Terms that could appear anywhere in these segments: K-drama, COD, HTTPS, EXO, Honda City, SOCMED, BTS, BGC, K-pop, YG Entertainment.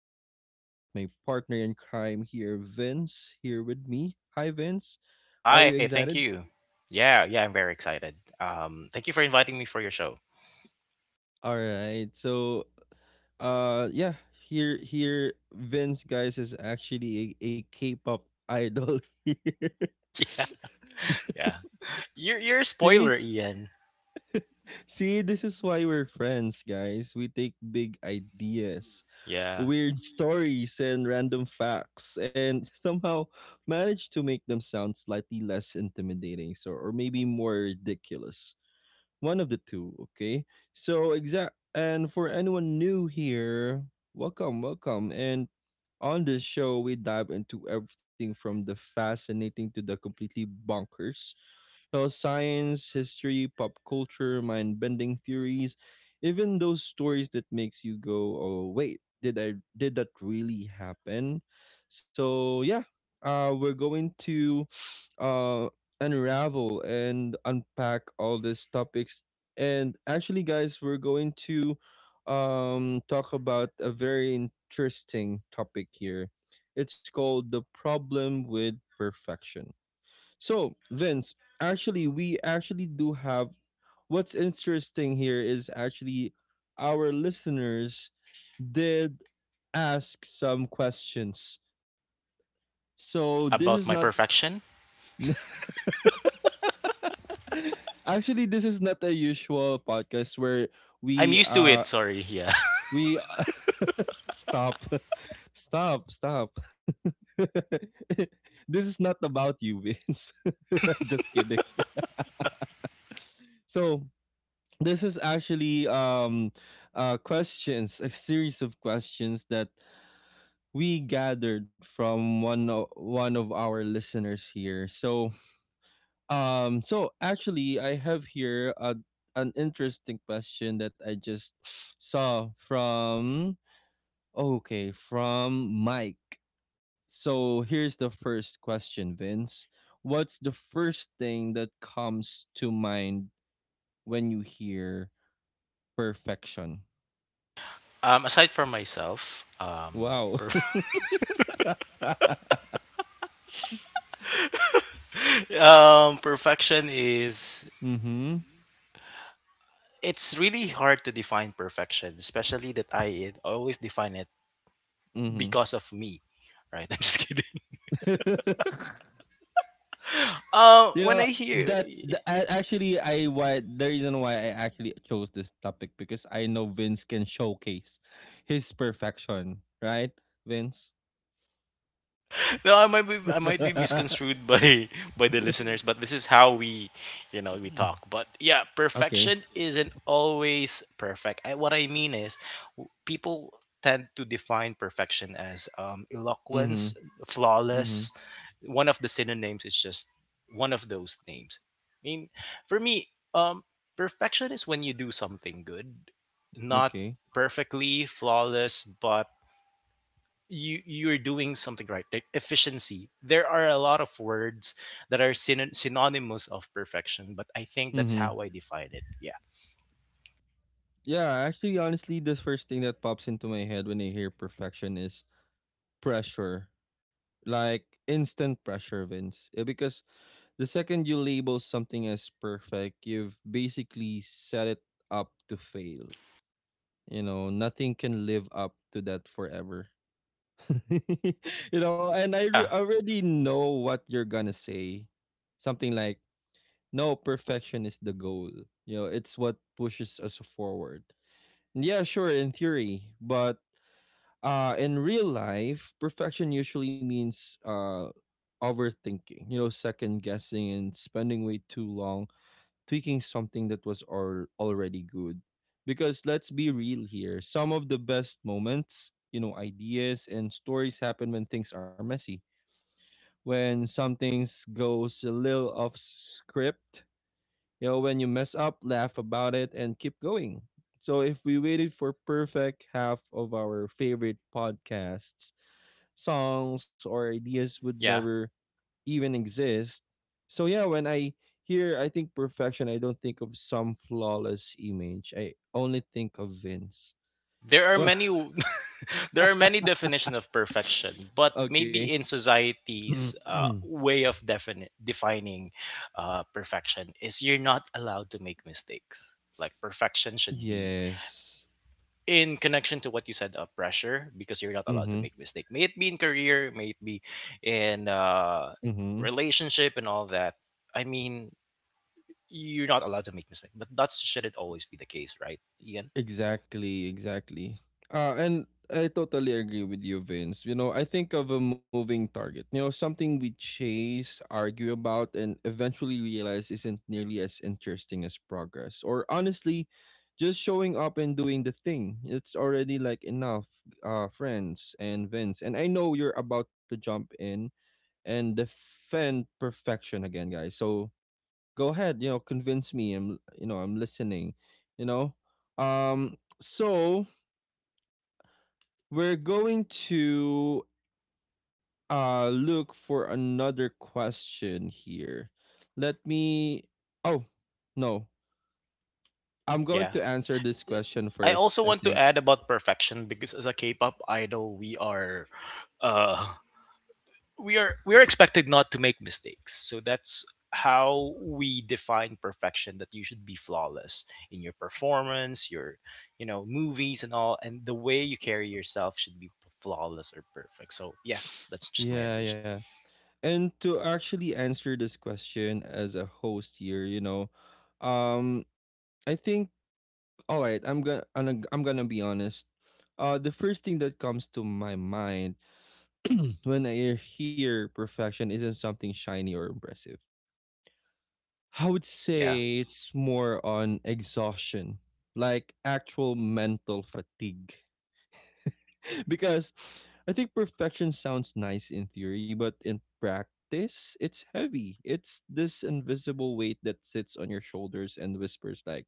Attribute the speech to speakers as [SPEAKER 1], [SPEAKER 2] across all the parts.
[SPEAKER 1] always, I've got my partner in crime here, Vince, here with me. Hi Vince, are you
[SPEAKER 2] Hi, thank
[SPEAKER 1] excited?
[SPEAKER 2] you. Yeah, yeah, I'm very excited. Thank you for inviting me for your show.
[SPEAKER 1] All right, so uh yeah, here Vince guys is actually a K-pop idol. here.
[SPEAKER 2] Yeah, you're a
[SPEAKER 1] See?
[SPEAKER 2] spoiler, Ian.
[SPEAKER 1] See, this is why we're friends, guys. We take big ideas,
[SPEAKER 2] Yeah,
[SPEAKER 1] weird stories, and random facts, and somehow manage to make them sound slightly less intimidating, so or maybe more ridiculous. One of the two, okay? So exact. And for anyone new here, welcome, welcome. And on this show, we dive into everything from the fascinating to the completely bonkers well, science, history, pop culture, mind-bending theories, even those stories that makes you go, "Oh, wait, did that really happen?" So, yeah, we're going to uh unravel and unpack all these topics. And actually, guys, we're going to talk about a very interesting topic here. It's called the problem with perfection. So, Vince, actually, we actually do have what's interesting here is actually our listeners did ask some questions. So, this is
[SPEAKER 2] about
[SPEAKER 1] not
[SPEAKER 2] my perfection.
[SPEAKER 1] actually this is not a usual podcast where
[SPEAKER 2] I'm
[SPEAKER 1] we
[SPEAKER 2] used to
[SPEAKER 1] uh
[SPEAKER 2] it. Sorry. Yeah.
[SPEAKER 1] we stop stop this is not about you Vince. Just kidding. So this is actually questions, a series of questions that we gathered from one of our listeners here. So so actually I have here a an interesting question that I just saw from okay, from Mike. So here's the first question, Vince. What's the first thing that comes to mind when you hear perfection?
[SPEAKER 2] Aside from myself,
[SPEAKER 1] Wow.
[SPEAKER 2] perfection is
[SPEAKER 1] Mhm.
[SPEAKER 2] it's really hard to define perfection, especially that I always define it
[SPEAKER 1] Mhm.
[SPEAKER 2] because of me. Right. I'm just kidding.
[SPEAKER 1] you
[SPEAKER 2] When
[SPEAKER 1] know
[SPEAKER 2] I hear,
[SPEAKER 1] that the, actually I why the reason why I actually chose this topic because I know Vince can showcase his perfection, right? Vince.
[SPEAKER 2] no, I might be I might be
[SPEAKER 1] Okay.
[SPEAKER 2] misconstrued by by the listeners, but this is how we talk. But yeah, perfection isn't always perfect. What I mean is, people tend to define perfection as
[SPEAKER 1] Mhm.
[SPEAKER 2] eloquence,
[SPEAKER 1] Mhm.
[SPEAKER 2] flawless. One of the synonyms is just one of those names. I mean, for me, perfection is when you do something good, not
[SPEAKER 1] Okay.
[SPEAKER 2] perfectly flawless, but you're doing something right, like efficiency. There are a lot of words that are synonymous of perfection, but I think that's
[SPEAKER 1] Mhm.
[SPEAKER 2] how I define it. Yeah.
[SPEAKER 1] Yeah, actually honestly the first thing that pops into my head when I hear perfection is pressure. Like instant pressure, Vince. Eh, because the second you label something as perfect, you've basically set it up to fail. You know, nothing can live up to that forever. You know, and I
[SPEAKER 2] Yeah,
[SPEAKER 1] already know what you're gonna say. Something like, no, perfection is the goal. You know, it's what pushes us forward. Yeah, sure, in theory, but in real life, perfection usually means uh, overthinking, you know, second guessing and spending way too long tweaking something that was already good. Because let's be real here, some of the best moments, you know, ideas and stories happen when things are messy, when something goes a little off script, you know, when you mess up, laugh about it, and keep going. So if we waited for perfect, half of our favorite podcasts, songs, or ideas would
[SPEAKER 2] yeah.
[SPEAKER 1] never even exist. So yeah, when I think perfection, I don't think of some flawless image. I only think of Vince.
[SPEAKER 2] There are
[SPEAKER 1] Well,
[SPEAKER 2] many w- there are many definitions of perfection, but
[SPEAKER 1] okay.
[SPEAKER 2] maybe in society's way of defining perfection is you're not allowed to make mistakes, like perfection should be
[SPEAKER 1] Yes.
[SPEAKER 2] in connection to what you said of pressure, because you're not allowed to
[SPEAKER 1] Mhm.
[SPEAKER 2] make mistake, may it be in career, may it be in
[SPEAKER 1] Mhm.
[SPEAKER 2] relationship and all that. I mean, you're not allowed to make mistake, but that shouldn't always be the case, right, Ian?
[SPEAKER 1] Exactly, exactly. And I totally agree with you, Vince. You know, I think of a moving target, you know, something we chase, argue about, and eventually realize isn't nearly as interesting as progress. Or honestly, just showing up and doing the thing. It's already like enough, friends and Vince. And I know you're about to jump in and defend perfection again, guys. So go ahead, you know, convince me, I'm, you know, I'm listening, you know um so we're going to look for another question here. Let me, oh, no, I'm going
[SPEAKER 2] Yeah.
[SPEAKER 1] to answer this question
[SPEAKER 2] I
[SPEAKER 1] first,
[SPEAKER 2] also
[SPEAKER 1] I
[SPEAKER 2] want to
[SPEAKER 1] think.
[SPEAKER 2] add about perfection, because as a K-pop idol, we are uh we are expected not to make mistakes, so that's how we define perfection, that you should be flawless in your performance, your movies and all, and the way you carry yourself should be flawless or perfect. So yeah, that's just my
[SPEAKER 1] Yeah,
[SPEAKER 2] addition.
[SPEAKER 1] yeah, and to actually answer this question as a host here, you know, um I think all right, I'm gonna be honest. The first thing that comes to my mind when I hear perfection isn't something shiny or impressive. I would
[SPEAKER 2] Yeah,
[SPEAKER 1] say it's more on exhaustion, like actual mental fatigue. Because I think perfection sounds nice in theory, but in practice, it's heavy. It's this invisible weight that sits on your shoulders and whispers, like,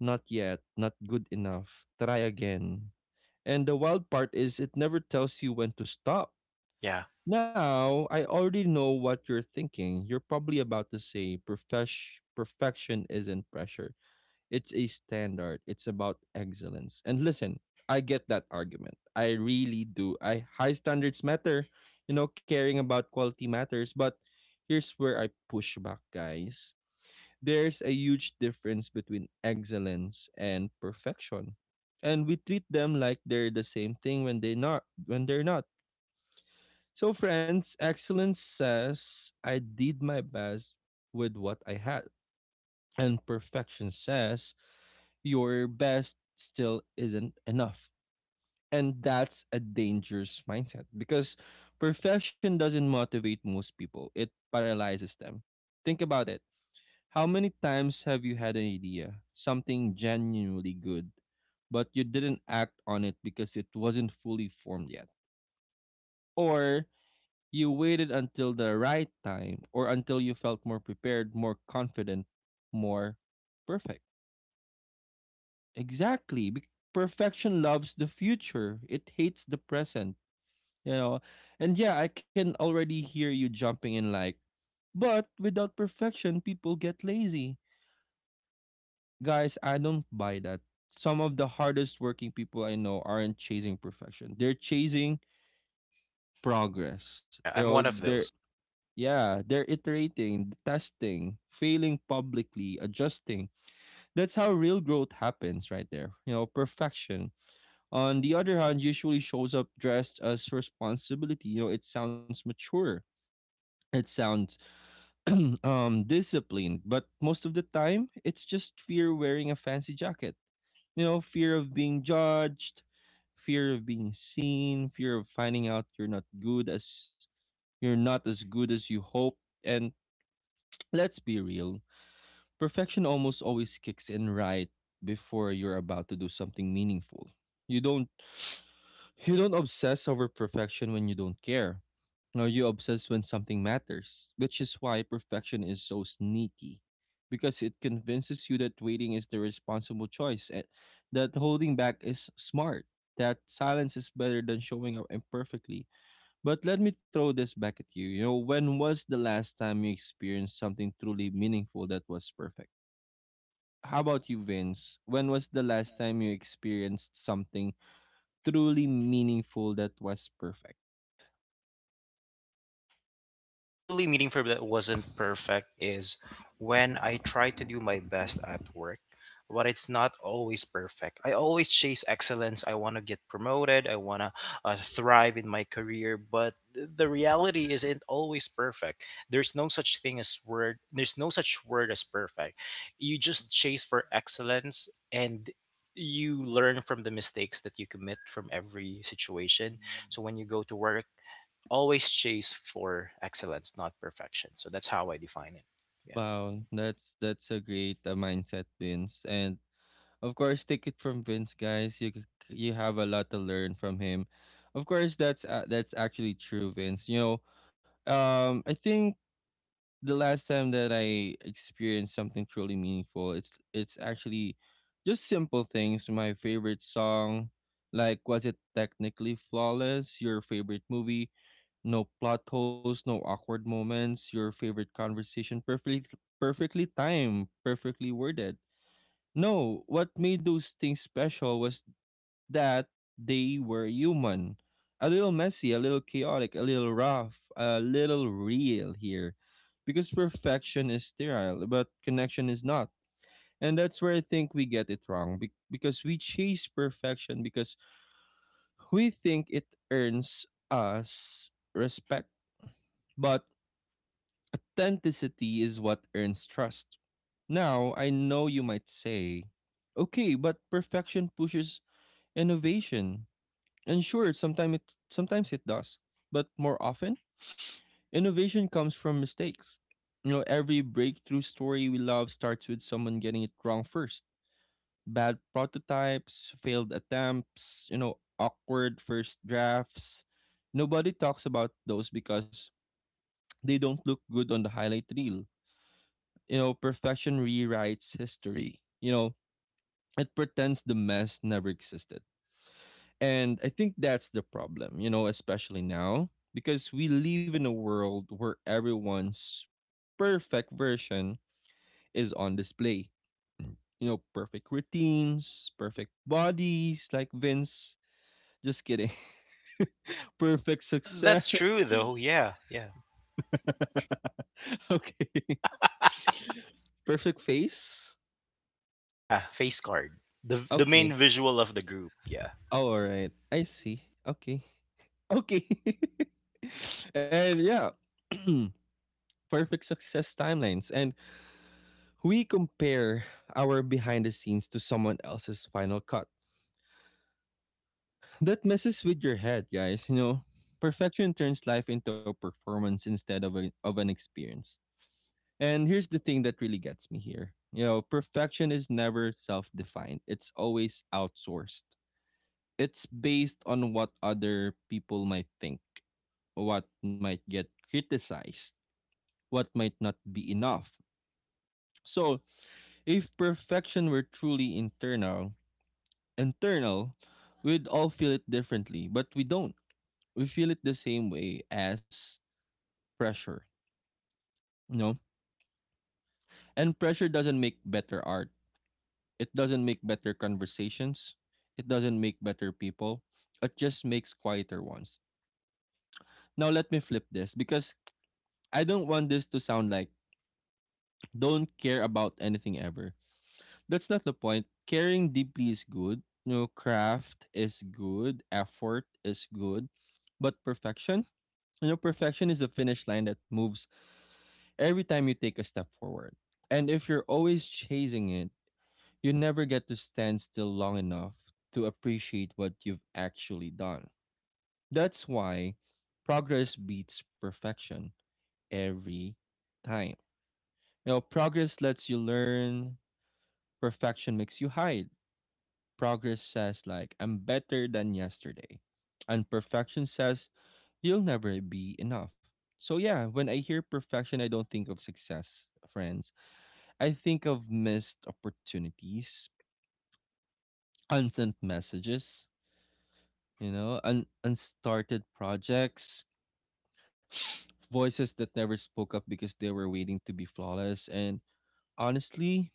[SPEAKER 1] not yet, not good enough, try again. And the wild part is it never tells you when to stop.
[SPEAKER 2] yeah.
[SPEAKER 1] Now, I already know what you're thinking. You're probably about to say, Perfection isn't pressure. It's a standard. It's about excellence." And listen, I get that argument. I really do. I high standards matter. You know, caring about quality matters, but here's where I push back, guys. There's a huge difference between excellence and perfection. And we treat them like they're the same thing when they not when they're not. So, friends, excellence says, I did my best with what I had. And perfection says, your best still isn't enough. And that's a dangerous mindset because perfection doesn't motivate most people, it paralyzes them. Think about it. How many times have you had an idea, something genuinely good, but you didn't act on it because it wasn't fully formed yet? Or you waited until the right time or until you felt more prepared, more confident, more perfect. Exactly. Perfection loves the future. It hates the present, you know. And yeah, I can already hear you jumping in like, but without perfection, people get lazy. Guys, I don't buy that. Some of the hardest working people I know aren't chasing perfection. They're chasing progress. You
[SPEAKER 2] Yeah, I'm
[SPEAKER 1] know,
[SPEAKER 2] one of
[SPEAKER 1] they're,
[SPEAKER 2] those.
[SPEAKER 1] yeah, they're iterating, testing, failing publicly, adjusting. That's how real growth happens right there. You know, perfection, on the other hand, usually shows up dressed as responsibility. You know, it sounds mature. It sounds disciplined, but most of the time it's just fear wearing a fancy jacket. You know, fear of being judged, fear of being seen, fear of finding out you're not as good as you hope. And let's be real, perfection almost always kicks in right before you're about to do something meaningful. You don't you don't obsess over perfection when you don't care. No, you obsess when something matters, which is why perfection is so sneaky. Because it convinces you that waiting is the responsible choice, and that holding back is smart, that silence is better than showing up imperfectly. But let me throw this back at you. You know, when was the last time you experienced something truly meaningful that was perfect? How about you, Vince? When was the last time you experienced something truly meaningful that was perfect?
[SPEAKER 2] Truly meaningful that wasn't perfect is when I try to do my best at work, but it's not always perfect. I always chase excellence. I want to get promoted. I want to thrive in my career, but the reality isn't always perfect. There's no such thing as word. There's no such word as perfect. You just chase for excellence, and you learn from the mistakes that you commit from every situation. So when
[SPEAKER 1] Mhm.
[SPEAKER 2] you go to work, always chase for excellence, not perfection. So that's how I define it. Yeah.
[SPEAKER 1] Wow, that's a great mindset, Vince. And of course, take it from Vince, guys. You you have a lot to learn from him. Of course, that's actually true, Vince. You know, I think the last time that I experienced something truly meaningful, it's actually just simple things. My favorite song, like was it technically flawless? Your favorite movie, no plot holes, no awkward moments. Your favorite conversation, perfectly timed, perfectly worded. No, what made those things special was that they were human. A little messy, a little chaotic, a little rough, a little real here. Because perfection is sterile, but connection is not. And that's where I think we get it wrong because we chase perfection because we think it earns us respect. But authenticity is what earns trust. Now, I know you might say, okay, but perfection pushes innovation. And sure, sometimes it does, but more often, innovation comes from mistakes. You know, every breakthrough story we love starts with someone getting it wrong first. Bad prototypes, failed attempts, you know, awkward first drafts. Nobody talks about those because they don't look good on the highlight reel. You know, perfection rewrites history. You know, it pretends the mess never existed. And I think that's the problem, you know, especially now, because we live in a world where everyone's perfect version is on display. You know, perfect routines, perfect bodies, like Vince. Just kidding. Perfect
[SPEAKER 2] But that's
[SPEAKER 1] success.
[SPEAKER 2] true, though. Yeah. Yeah.
[SPEAKER 1] Okay. Perfect face.
[SPEAKER 2] Yeah, face card. The main
[SPEAKER 1] Okay.
[SPEAKER 2] visual of the group. Yeah.
[SPEAKER 1] Oh, all right. I see. Okay. Okay. And yeah, perfect success timelines. And we compare our behind the scenes to someone else's final cut. That messes with your head, guys. You know, perfection turns life into a performance instead of, of an experience. And here's the thing that really gets me here. You know, perfection is never self defined, it's always outsourced. It's based on what other people might think, what might get criticized, what might not be enough. So, if perfection were truly internal, we'd all feel it differently, but we don't. We feel it the same way as pressure, you know? And pressure doesn't make better art. It doesn't make better conversations. It doesn't make better people. It just makes quieter ones. Now let me flip this because I don't want this to sound like don't care about anything ever. That's not the point. Caring deeply is good. You know, craft is good, effort is good, but perfection. Is a finish line that moves every time you take a step forward. And if you're always chasing it, you never get to stand still long enough to appreciate what you've actually done. That's why progress beats perfection every time. You know, progress lets you learn, perfection makes you hide. Progress says like I'm better than yesterday. And perfection says you'll never be enough. So yeah, when I hear perfection, I don't think of success, friends. I think of missed opportunities, unsent messages, unstarted projects, voices that never spoke up because they were waiting to be flawless. And honestly,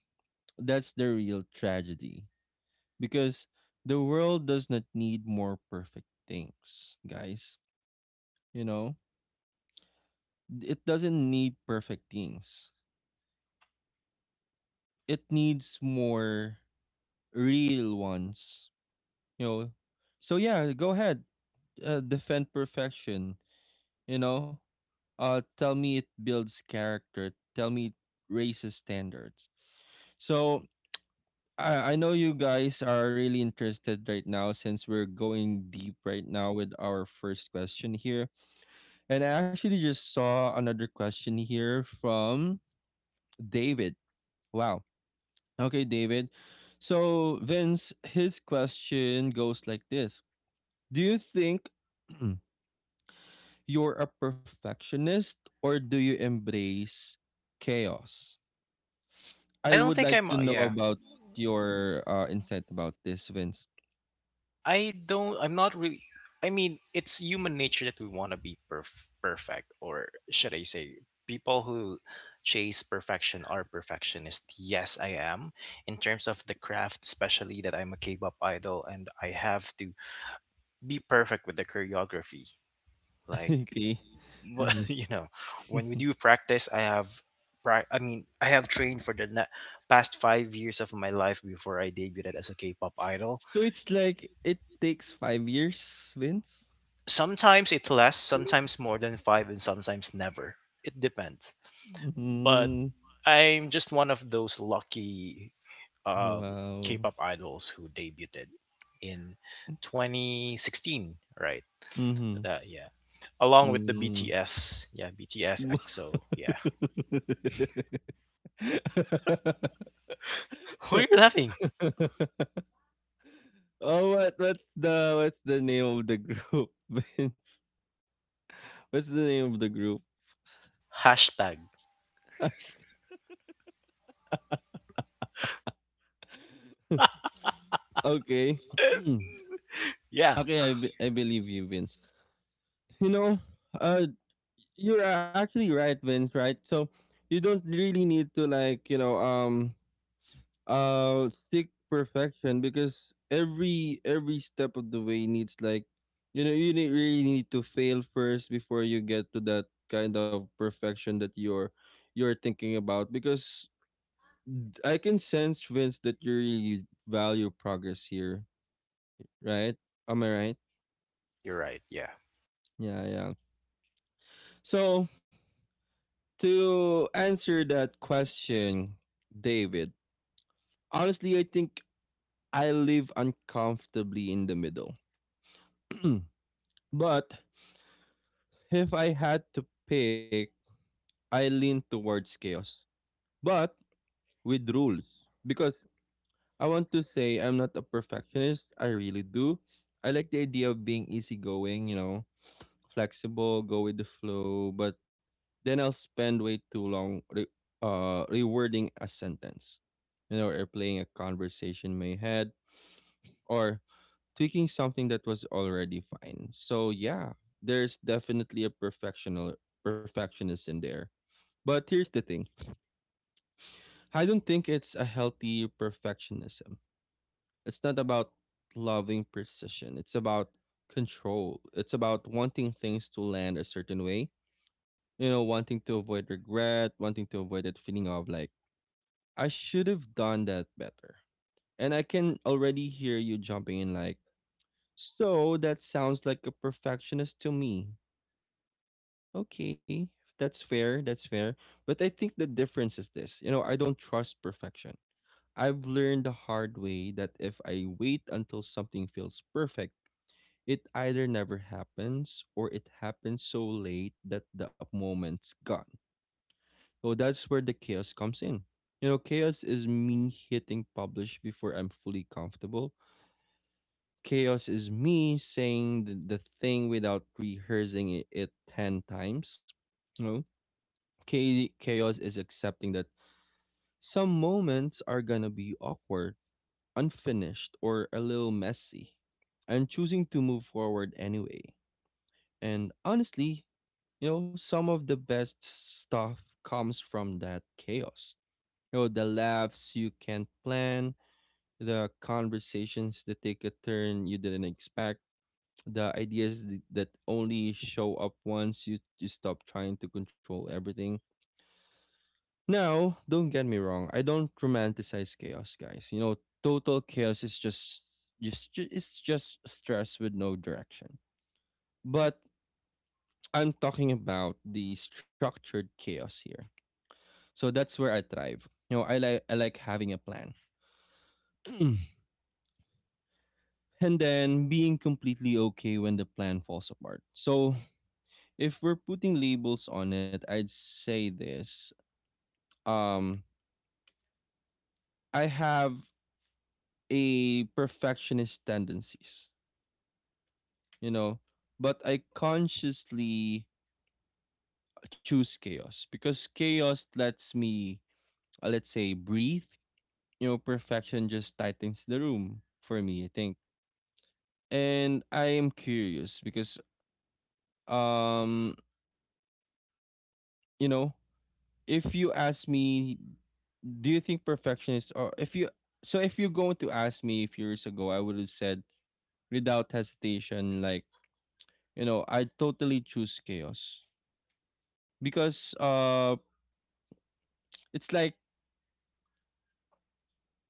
[SPEAKER 1] that's the real tragedy because the world does not need more perfect things, guys. You know, it doesn't need perfect things. It needs more real ones, you know. So yeah, go ahead, defend perfection. You know, tell me it builds character. Tell me it raises standards. So I know you guys are really interested right now since we're going deep right now with our first question here, and I actually just saw another question here from David. Wow. Okay, David. So, Vince, his question goes like this. Do you think you're a perfectionist or do you embrace chaos?
[SPEAKER 2] I
[SPEAKER 1] I
[SPEAKER 2] don't
[SPEAKER 1] would
[SPEAKER 2] think
[SPEAKER 1] like
[SPEAKER 2] I'm,
[SPEAKER 1] to know
[SPEAKER 2] yeah.
[SPEAKER 1] about your insight about this, Vince.
[SPEAKER 2] I'm not really. I mean, it's human nature that we want to be perfect, or should I say people who chase perfection are perfectionist. Yes, I am, in terms of the craft, especially that I'm a K-pop idol and I have to be perfect with the choreography. Like,
[SPEAKER 1] Okay. Hmm.
[SPEAKER 2] you know, when we do practice, I have I mean, I have trained for the past 5 years of my life before I debuted as a K-pop idol.
[SPEAKER 1] So, it's like it takes 5 years, Vince?
[SPEAKER 2] Sometimes it lasts, sometimes more than five, and sometimes never. It depends. But
[SPEAKER 1] Hmm.
[SPEAKER 2] I'm just one of those lucky, um,
[SPEAKER 1] Wow.
[SPEAKER 2] K-pop idols who debuted in 2016, right?
[SPEAKER 1] Mm-hmm.
[SPEAKER 2] That, yeah, along with the BTS. Yeah, BTS, exo. Yeah. Why are
[SPEAKER 1] Mm.
[SPEAKER 2] you laughing?
[SPEAKER 1] Oh, what's the name of the group? Vince? What's the name of the group?
[SPEAKER 2] Hashtag.
[SPEAKER 1] Hasht- okay,
[SPEAKER 2] Yeah.
[SPEAKER 1] okay, I believe you, Vince. You know, uh, you're actually right, Vince. Right, so you don't really need to seek perfection because every step of the way needs like you really need to fail first before you get to that kind of perfection that you're thinking about because I can sense, Vince, that you really value progress here, right? Am I right?
[SPEAKER 2] Yes, you're right. Yeah.
[SPEAKER 1] Yeah, yeah. So to answer that question, David, honestly, I think I live uncomfortably in the middle. But if I had to pick, I lean towards chaos, but with rules. Because I want to say I'm not a perfectionist. I really do. I like the idea of being easygoing, you know, flexible, go with the flow, but then I'll spend way too long rewording a sentence, you know, or playing a conversation in my head, or tweaking something that was already fine. So yeah, there's definitely a perfectional perfectionist in there. But here's the thing: I don't think it's a healthy perfectionism. It's not about loving precision. It's about control. It's about wanting things to land a certain way. You know, wanting to avoid regret, wanting to avoid that feeling of like I should have done that better. And I can already hear you jumping in like, so that sounds like a perfectionist to me. Okay, that's fair, that's fair. But I think the difference is this. You know, I don't trust perfection. I've learned the hard way that if I wait until something feels perfect, it either never happens or it happens so late that the moment's gone. So that's where the chaos comes in. You know, chaos is me hitting publish before I'm fully comfortable. Chaos is me saying the thing without rehearsing it 10 times. You know, chaos is accepting that some moments are gonna be awkward, unfinished, or a little messy, and choosing to move forward anyway. And honestly, you know, some of the best stuff comes from that chaos. You know, the laughs you can't plan, the conversations that take a turn you didn't expect, the ideas that only show up once you stop trying to control everything. Now, don't get me wrong, I don't romanticize chaos, guys. You know, total chaos is it's just stress with no direction. But I'm talking about the structured chaos here. So that's where I thrive. You know, I like having a plan. And then being completely okay when the plan falls apart. So, if we're putting labels on it, I'd say this. Um, I have a perfectionist tendencies, you know, but I consciously choose chaos because chaos lets me, let's say, breathe. You know, perfection just tightens the room for me, I think. And I am curious because, um, you know, if you ask me do you think perfectionists or if you so if you're going to ask me a few years ago, I would have said without hesitation, like, you know, I totally choose chaos because it's like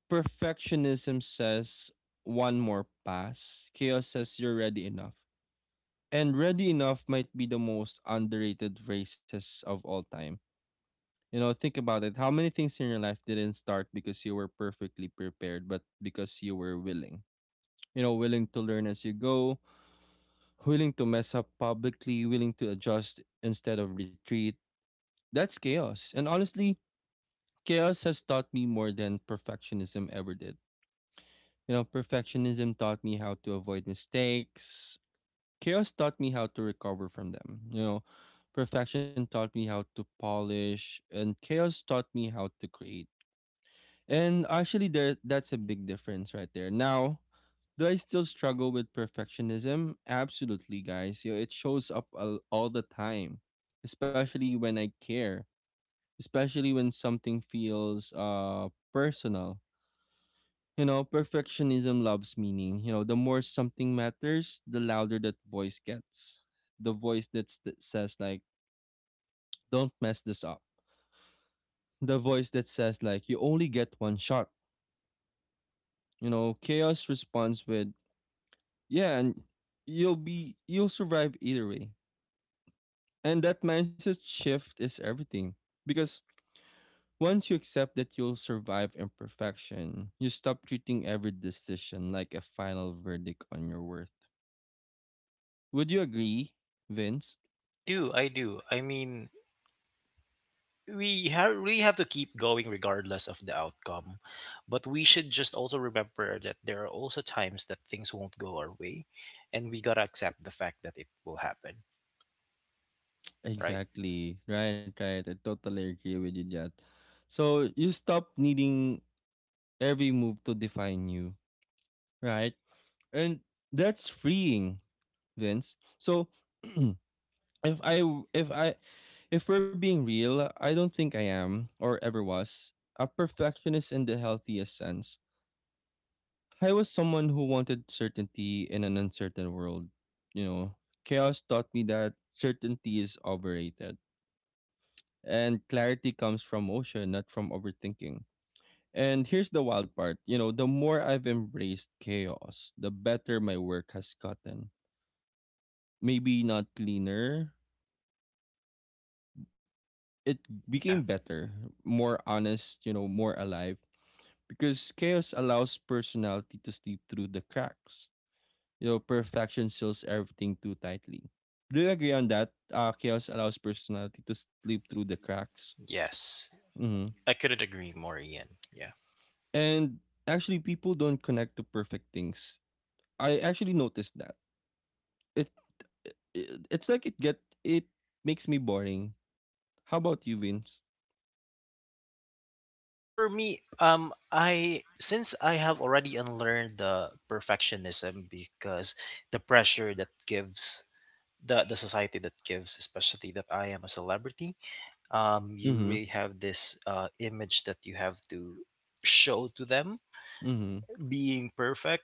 [SPEAKER 1] perfectionism says one more pass, chaos says you're ready enough. And ready enough might be the most underrated phrases of all time. You know, think about it, how many things in your life didn't start because you were perfectly prepared, but because you were willing, you know, willing to learn as you go, willing to mess up publicly, willing to adjust instead of retreat. That's chaos. And honestly, chaos has taught me more than perfectionism ever did. You know, perfectionism taught me how to avoid mistakes. Chaos taught me how to recover from them. You know, perfection taught me how to polish, and chaos taught me how to create. And actually, there that's a big difference right there. Now, do I still struggle with perfectionism? Absolutely, guys. You know, it shows up all the time, especially when I care, especially when something feels personal. You know, perfectionism loves meaning. You know, the more something matters, the louder that voice gets. The that says like, "Don't mess this up." The voice that says like, "You only get one shot." You know, chaos responds with, "Yeah, and you'll survive either way." And that mindset shift is everything. Because once you accept that you'll survive imperfection, you stop treating every decision like a final verdict on your worth. Would you agree, Vince?
[SPEAKER 2] I do. I do. I mean, we have really have to keep going regardless of the outcome. But we should just also remember that there are also times that things won't go our way, and we got to accept the fact that it will happen, right?
[SPEAKER 1] Exactly. Right, right. I totally agree with you, Jat. So you stop needing every move to define you, right? And that's freeing, Vince. So if I if I If we're being real, I don't think I am, or ever was, a perfectionist in the healthiest sense. I was someone who wanted certainty in an uncertain world. You know, chaos taught me that certainty is overrated, and clarity comes from motion, not from overthinking. And here's the wild part, you know, the more I've embraced chaos, the better my work has gotten. Maybe not cleaner, it became
[SPEAKER 2] Yeah.
[SPEAKER 1] better, more honest, you know, more alive because chaos allows personality to slip through the cracks. You know, perfection seals everything too tightly. Do you agree on that? Chaos allows personality to slip through the cracks.
[SPEAKER 2] Yes.
[SPEAKER 1] Hmm.
[SPEAKER 2] I couldn't agree more, Ian. Yeah.
[SPEAKER 1] And actually, people don't connect to perfect things. I actually noticed that. It, it it's like it get it makes me boring. How about you, Vince?
[SPEAKER 2] For me, I since I have already unlearned the perfectionism, because the pressure that gives, the society that gives, especially that I am a celebrity. You
[SPEAKER 1] Mm-hmm.
[SPEAKER 2] really have this image that you have to show to them,
[SPEAKER 1] Mm-hmm.
[SPEAKER 2] being perfect,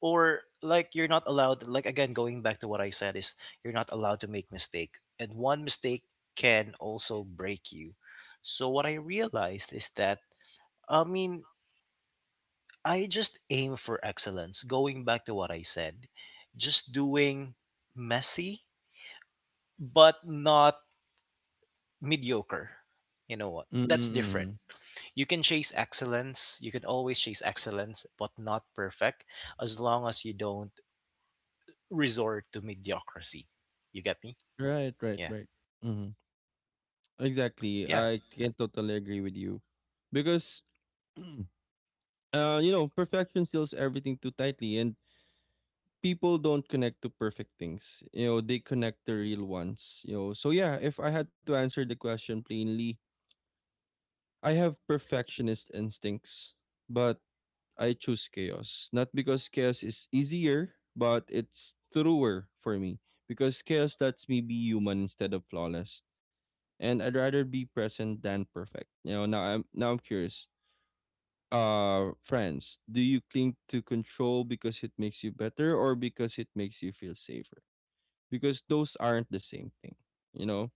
[SPEAKER 2] or like you're not allowed, like, again, going back to what I said, is you're not allowed to make mistake, and one mistake can also break you. So what I realized is that, I mean, I just aim for excellence, going back to what I said, just doing messy but not mediocre. You know what? That's different.
[SPEAKER 1] Mm-hmm.
[SPEAKER 2] You can chase excellence. You can always chase excellence, but not perfect, as long as you don't resort to mediocrity. You get me?
[SPEAKER 1] Right. Right.
[SPEAKER 2] Yeah.
[SPEAKER 1] Right. Mm-hmm.
[SPEAKER 2] So,
[SPEAKER 1] Exactly.
[SPEAKER 2] yeah.
[SPEAKER 1] I can totally agree with you because you know, perfection seals everything too tightly, and people don't connect to perfect things. You know, they connect to real ones. You know, so yeah, if I had to answer the question plainly, I have perfectionist instincts, but I choose chaos. Not because chaos is easier, but it's truer for me. Because chaos lets me be human instead of flawless, and I'd rather be present than perfect. You know, now I'm curious, friends, do you cling to control because it makes you better or because it makes you feel safer, because those aren't the same thing, you know.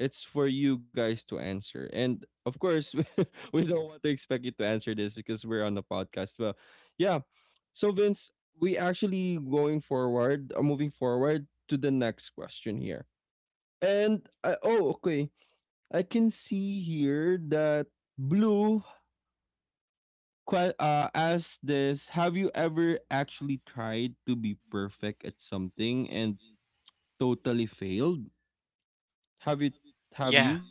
[SPEAKER 1] It's for you guys to answer, and of course we don't want to expect you to answer this because we're on the podcast. Well, yeah, so Vince, we actually going forward, moving forward to the next question here, and I, oh okay, I can see here that Blue ask this: Have you ever actually tried to be perfect at something and totally failed? Have you? Have
[SPEAKER 2] Yeah.
[SPEAKER 1] you?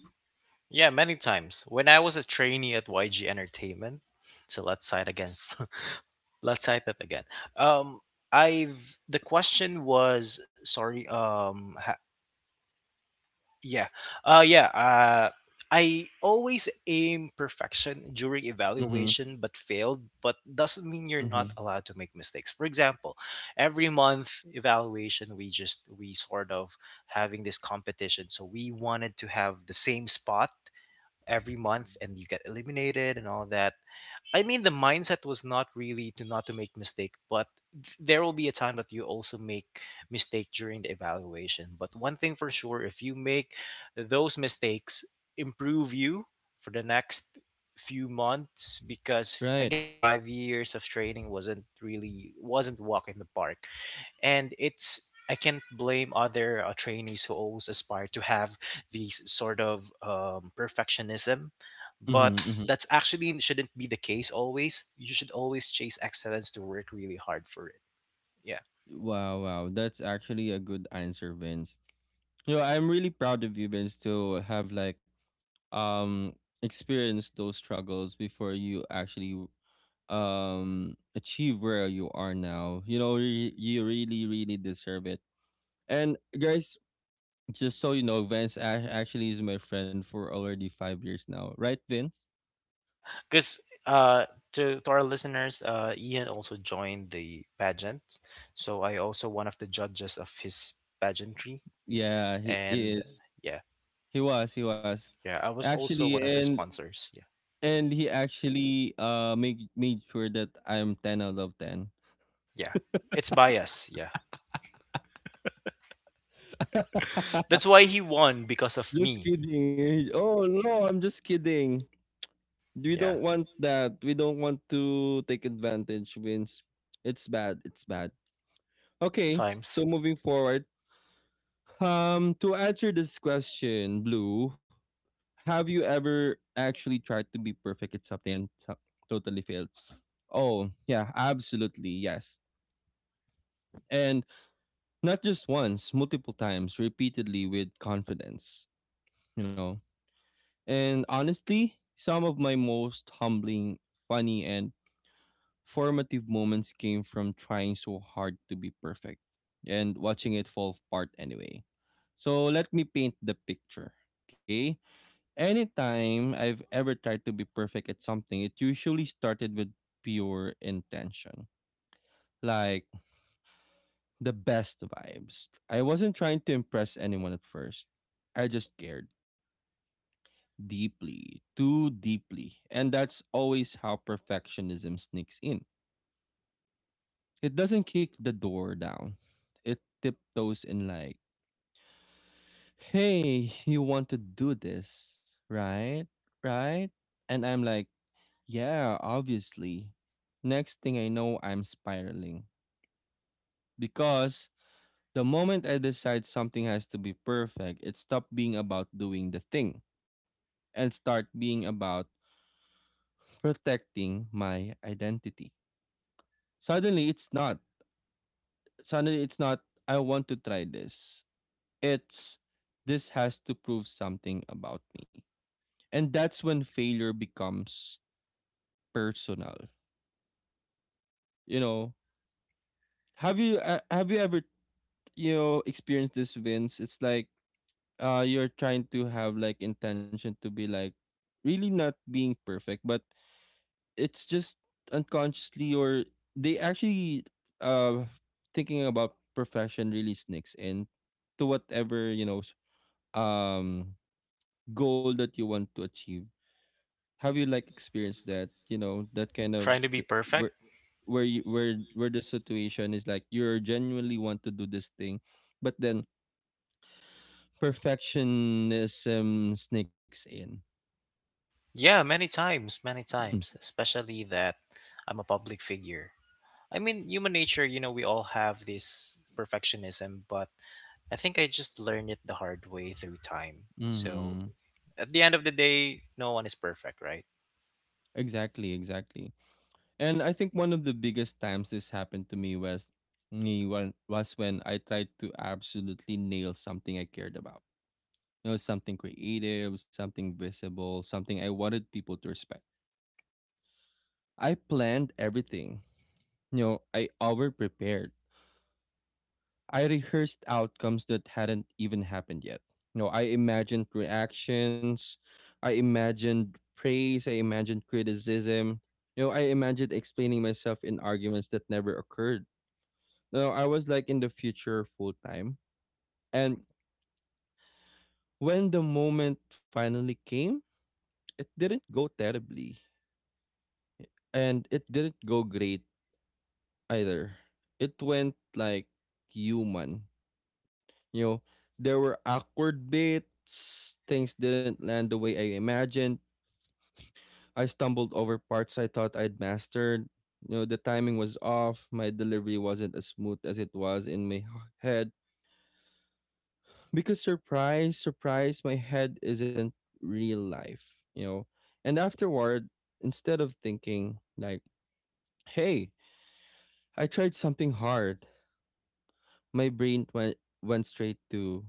[SPEAKER 2] Yeah, many times. When I was a trainee at YG Entertainment, so let's cite again. Let's cite that again. Um I've the question was, sorry, yeah. Yeah, I always aim perfection during
[SPEAKER 1] Mm-hmm.
[SPEAKER 2] evaluation, but failed. But doesn't mean you're
[SPEAKER 1] Mm-hmm.
[SPEAKER 2] not allowed to make mistakes. For example, every month evaluation, we sort of having this competition. So we wanted to have the same spot every
[SPEAKER 1] Hmm.
[SPEAKER 2] month and you get eliminated and all that. I mean, the mindset was not really to not to make mistake, but there will be a time that you also make mistake during the evaluation. But one thing for sure, if you make those mistakes, improve you for the next few months, because
[SPEAKER 1] Right.
[SPEAKER 2] again, 5 years of training wasn't really wasn't walk in the park, and it's I can't blame other trainees who always aspire to have these sort of perfectionism,
[SPEAKER 1] Mm-hmm,
[SPEAKER 2] but
[SPEAKER 1] mm-hmm.
[SPEAKER 2] that's actually shouldn't be the case always. You should always chase excellence to work really hard for it. Yeah,
[SPEAKER 1] Wow, wow. That's actually a good answer, Vince. You know, I'm really proud of you, Vince, to have like um experienced those struggles before you actually achieve where you are now. You know, you really, really deserve it. And guys, just so you know, Vince actually is my friend for already 5 years now, right, Vince?
[SPEAKER 2] yeah, because to our listeners, Ian also joined the pageant, so I also one of the judges of his pageantry,
[SPEAKER 1] Yeah, he
[SPEAKER 2] and
[SPEAKER 1] is.
[SPEAKER 2] yeah,
[SPEAKER 1] He was. He was
[SPEAKER 2] yeah, I was also
[SPEAKER 1] actually,
[SPEAKER 2] one of the sponsors. Yeah,
[SPEAKER 1] and he actually made sure that I'm ten out of ten.
[SPEAKER 2] yeah, it's bias. Yeah. That's why he won because of me.
[SPEAKER 1] Just kidding. Eh. Oh no, I'm just kidding. We
[SPEAKER 2] Yeah.
[SPEAKER 1] don't want that. We don't want to take advantage, Vince. It's bad. It's bad. Okay, so
[SPEAKER 2] Sometimes
[SPEAKER 1] moving forward. To answer this question, Blue, have you ever actually tried to be perfect at something and totally failed? Oh, yeah, absolutely, yes. And not just once, multiple times, repeatedly with confidence, you know. And honestly, some of my most humbling, funny, and formative moments came from trying so hard to be perfect and watching it fall apart anyway. So let me paint the picture, okay? Anytime I've ever tried to be perfect at something, it usually started with pure intention. Like the best vibes. I wasn't trying to impress anyone at first. I just cared deeply, too deeply. And that's always how perfectionism sneaks in. It doesn't kick the door down, it tiptoes in like, hey, you want to do this, right? Right? And I'm like, yeah, obviously. Next thing I know, I'm spiraling. Because the moment I decide something has to be perfect, it stopped being about doing the thing and start being about protecting my identity. Suddenly it's not. Suddenly it's not I want to try this. It's this has to prove something about me. And that's when failure becomes personal. You know, have you ever you know experience this, Vince? It's like you're trying to have like intention to be like really not being perfect, but it's just unconsciously or they actually uh thinking about perfection really sneaks in to whatever you know um goal that you want to achieve. Have you like experienced that, you know, that kind of
[SPEAKER 2] trying to be perfect.
[SPEAKER 1] where where you where the situation is like you're genuinely want to do this thing, but then perfectionism sneaks in.
[SPEAKER 2] Yeah, many times, especially that I'm a public figure. I mean, human nature, you know, we all have this perfectionism, but I think I just learned it the hard way through time. So,
[SPEAKER 1] Hmm.
[SPEAKER 2] at the end of the day, no one is perfect, right?
[SPEAKER 1] Exactly, exactly. And I think one of the biggest times this happened to me was me when was when I tried to absolutely nail something I cared about. You know, something creative, something visible, something I wanted people to respect. I planned everything. You know, I over prepared. I rehearsed outcomes that hadn't even happened yet. You know, I imagined reactions, I imagined praise, I imagined criticism. You know, I imagined explaining myself in arguments that never occurred. You know, I was like in the future full time. And when the moment finally came, it didn't go terribly. And it didn't go great either. It went like human. You know, there were awkward bits, things didn't land the way I imagined. I stumbled over parts I thought I'd mastered. You know, the timing was off, my delivery wasn't as smooth as it was in my head. Because surprise, surprise, my head isn't real life, you know. And afterward, instead of thinking like, "Hey, I tried something hard," my brain went straight to,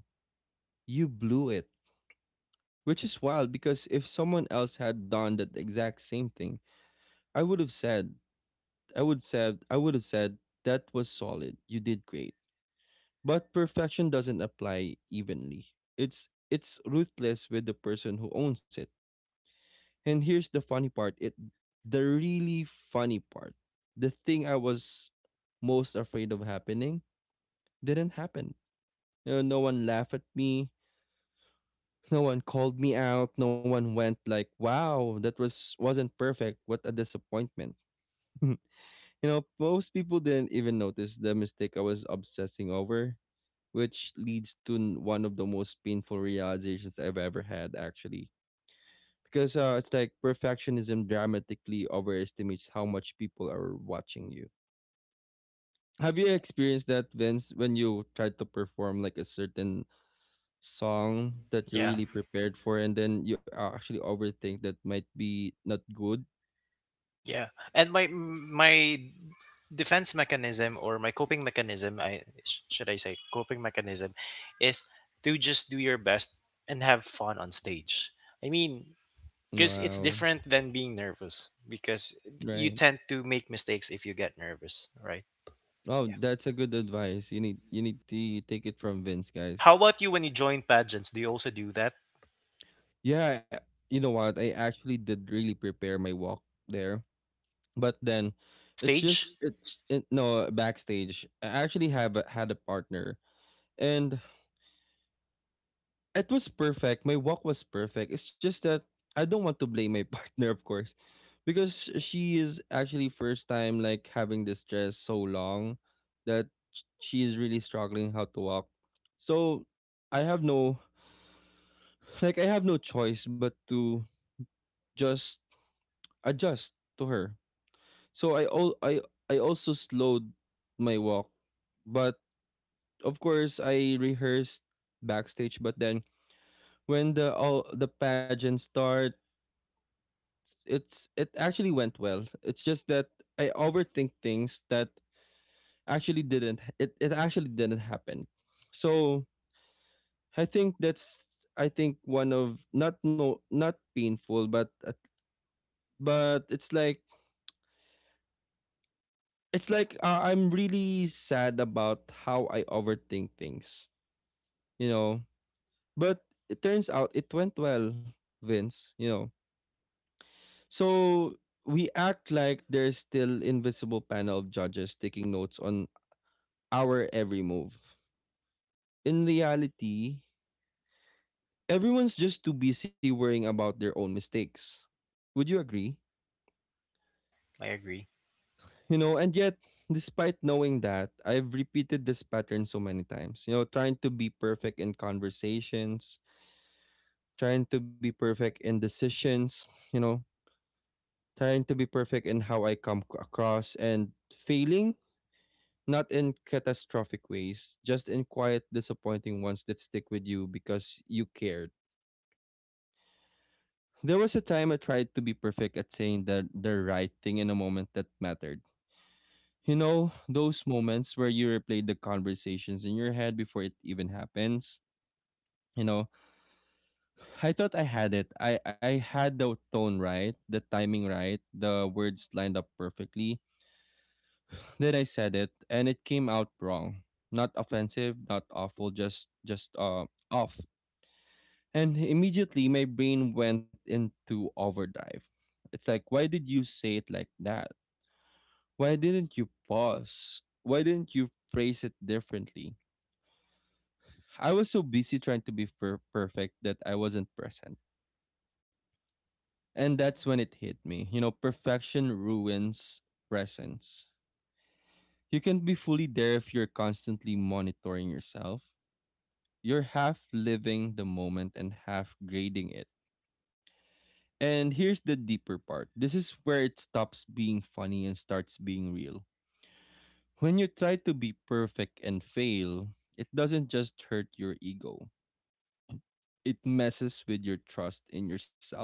[SPEAKER 1] "You blew it." Which is wild because if someone else had done that exact same thing, I would have said, I would have said that was solid. You did great. But perfection doesn't apply evenly. It's ruthless with the person who owns it. And here's the funny part. It The really funny part. The thing I was most afraid of happening didn't happen. You know, no one laughed at me. No one called me out. No one went like, "Wow, that was wasn't perfect. What a disappointment." You know, most people didn't even notice the mistake I was obsessing over, which leads to one of the most painful realizations I've ever had actually. Because it's like perfectionism dramatically overestimates how much people are watching you. Have you experienced that, Vince, when you try to perform like a certain song that you're
[SPEAKER 2] Yeah.
[SPEAKER 1] really prepared for and then you actually overthink that might be not good?
[SPEAKER 2] Yeah. And my defense mechanism or my coping mechanism, should I say coping mechanism, is to just do your best and have fun on stage. I mean, because
[SPEAKER 1] Wow.
[SPEAKER 2] it's different than being nervous, because you
[SPEAKER 1] Right.
[SPEAKER 2] tend to make mistakes if you get nervous, right?
[SPEAKER 1] Oh,
[SPEAKER 2] Yeah.
[SPEAKER 1] that's a good advice. You need you need to take it from Vince, guys.
[SPEAKER 2] How about you, when you join pageants, do you also do that
[SPEAKER 1] Yeah, you know what, I actually did really prepare my walk there. But then
[SPEAKER 2] on
[SPEAKER 1] it's
[SPEAKER 2] stage?
[SPEAKER 1] just no, backstage I actually had a partner. And it was perfect, my walk was perfect. It's just that I don't want to blame my partner, of course, because she is actually first time like having this dress so long that she is really struggling how to walk. So I have no like I have no choice but to just adjust to her. So I all I also slowed my walk. But of course I rehearsed backstage, but then when the pageant starts, it actually went well. It's just that I overthink things that actually didn't it actually didn't happen. So I think that's, I think one of, not no, not painful, but but it's like, it's like, I'm really sad about how I overthink things, you know. But it turns out it went well, Vince, you know. So we act like there's still invisible panel of judges taking notes on our every move. In reality, everyone's just too busy worrying about their own mistakes. Would you agree?
[SPEAKER 2] Yeah, I agree.
[SPEAKER 1] You know, and yet, despite knowing that, I've repeated this pattern so many times. You know, trying to be perfect in conversations, trying to be perfect in decisions, you know, trying to be perfect in how I come across and failing, not in catastrophic ways, just in quiet, disappointing ones that stick with you because you cared. There was a time I tried to be perfect at saying the right thing in a moment that mattered. You know, those moments where you replay the conversations in your head before it even happens. You know, I thought I had it. I had the tone right, the timing right, the words lined up perfectly. Then I said it and it came out wrong. Not offensive, not awful, just off. And immediately my brain went into overdrive. It's like why did you say it like that? Why didn't you pause? Why didn't you phrase it differently? I was so busy trying to be perfect that I wasn't present. And that's when it hit me. You know, perfection ruins presence. You can't be fully there if you're constantly monitoring yourself. You're half living the moment and half grading it. And here's the deeper part, this is where it stops being funny and starts being real. When you try to be perfect and fail, it doesn't just hurt your ego, it messes with your trust in yourself,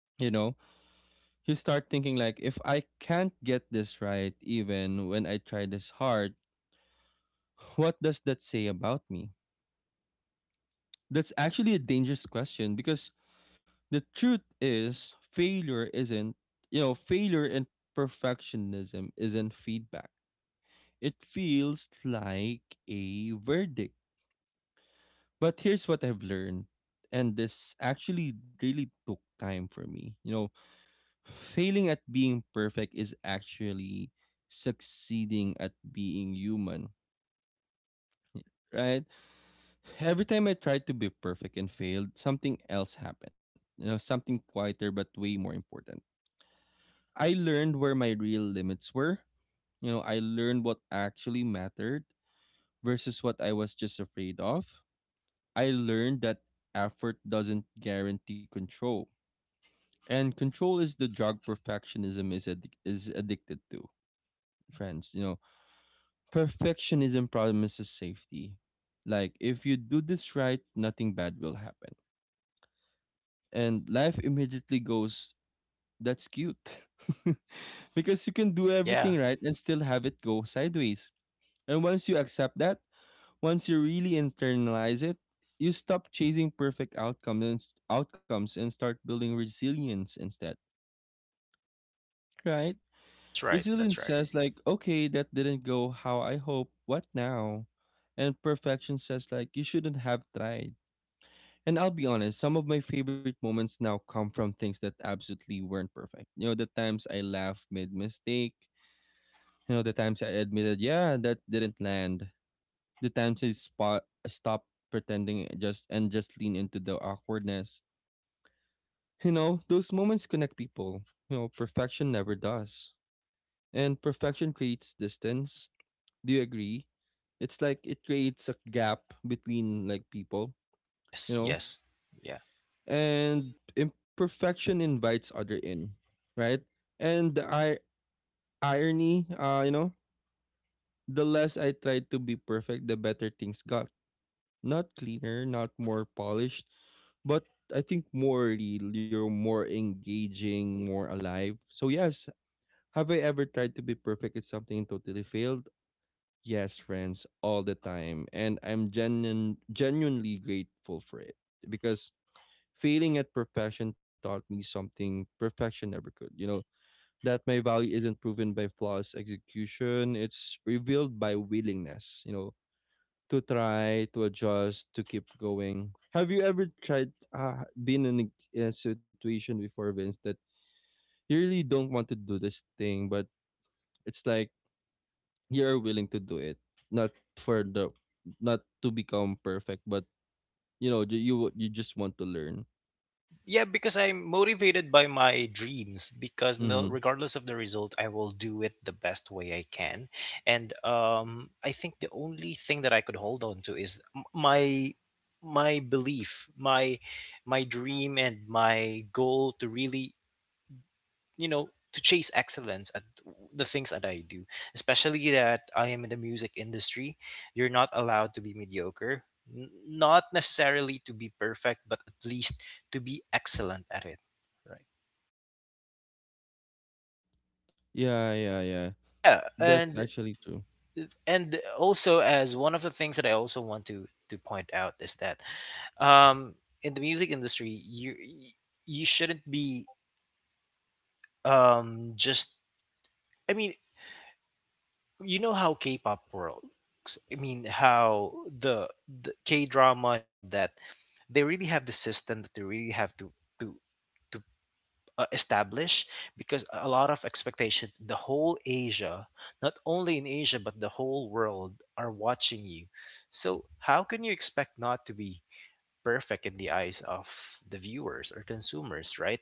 [SPEAKER 1] you know. You start thinking like if I can't get this right even when I try this hard, what does that say about me? That's actually a dangerous question because the truth is failure isn't, you know, failure and perfectionism isn't feedback. It feels like a verdict. But here's what I've learned, and this actually really took time for me. You know, failing at being perfect is actually succeeding at being human, right? Every time I tried to be perfect and failed, something else happened. You know, something quieter but way more important. I learned where my real limits were. You know, I learned what actually mattered versus what I was just afraid of. I learned that effort doesn't guarantee control. And control is the drug perfectionism is addicted to, friends. You know, perfectionism promises safety. Like, if you do this right, nothing bad will happen. And life immediately goes, that's cute. Because you can do everything
[SPEAKER 2] Yeah,
[SPEAKER 1] right and still have it go sideways. And once you accept that, once you really internalize it, you stop chasing perfect outcomes and start building resilience instead. Right?
[SPEAKER 2] that's right,
[SPEAKER 1] Resilience
[SPEAKER 2] that's right.
[SPEAKER 1] says like, okay, that didn't go how I hope. What now? And perfection says like, you shouldn't have tried. And I'll be honest, some of my favorite moments now come from things that absolutely weren't perfect. You know, the times I laughed, made mistake. You know, the times I admitted, yeah, that didn't land. The times I spot stop pretending just lean into the awkwardness. You know, those moments connect people. You know, perfection never does. And perfection creates distance. Do you agree? It's like it creates a gap between like people, you
[SPEAKER 2] Yes,
[SPEAKER 1] know?
[SPEAKER 2] yes. Yeah.
[SPEAKER 1] And imperfection invites other in, right? And the irony, you know, the less I tried to be perfect, the better things got. Not cleaner, not more polished, but I think more real, you're more engaging, more alive. So yes, have I ever tried to be perfect at something and totally failed? Yes, friends, all the time, and I'm genuinely grateful for it. Because failing at perfection taught me something perfection never could. You know, that my value isn't proven by flawless execution, it's revealed by willingness, you know, to try, to adjust, to keep going. Have you ever tried, Been in a situation before, Vince, that you really don't want to do this thing, but it's like you're willing to do it, not for not to become perfect, but you know, you just want to learn.
[SPEAKER 2] Yeah, because I'm motivated by my dreams. Because
[SPEAKER 1] Mm-hmm.
[SPEAKER 2] no, regardless of the result, I will do it the best way I can. And I think the only thing that I could hold on to is my belief, my dream, and my goal to really, you know, to chase excellence at the things that I do, especially that I am in the music industry. You're not allowed to be mediocre, N- not necessarily to be perfect, but at least to be excellent at it. Right.
[SPEAKER 1] Yeah, yeah, yeah.
[SPEAKER 2] Yeah,
[SPEAKER 1] That's
[SPEAKER 2] and
[SPEAKER 1] actually true.
[SPEAKER 2] and also as one of the things that I also want to point out is that, um, in the music industry, you shouldn't be, just. I mean, you know how K-pop works. I mean, how the K-drama and all that. They really have the system that they really have to to establish, because a lot of expectation. The whole Asia, not only in Asia but the whole world, are watching you. So how can you expect not to be perfect in the eyes of the viewers or consumers, right?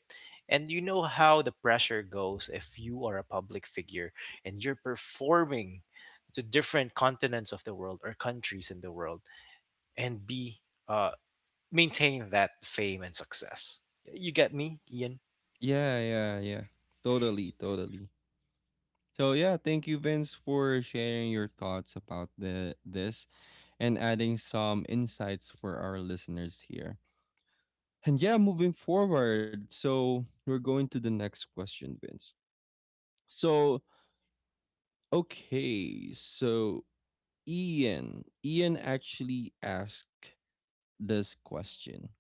[SPEAKER 2] And you know how the pressure goes if you are a public figure and you're performing to different continents of the world or countries in the world, and be, uh, maintain that fame and success. You get me, Ian?
[SPEAKER 1] Yeah, yeah, yeah. Totally, totally. So yeah, thank you, Vince, for sharing your thoughts about the this and adding some insights for our listeners here. And yeah, moving forward, so we're going to the next question, Vince. So okay, so Ian actually asked this question.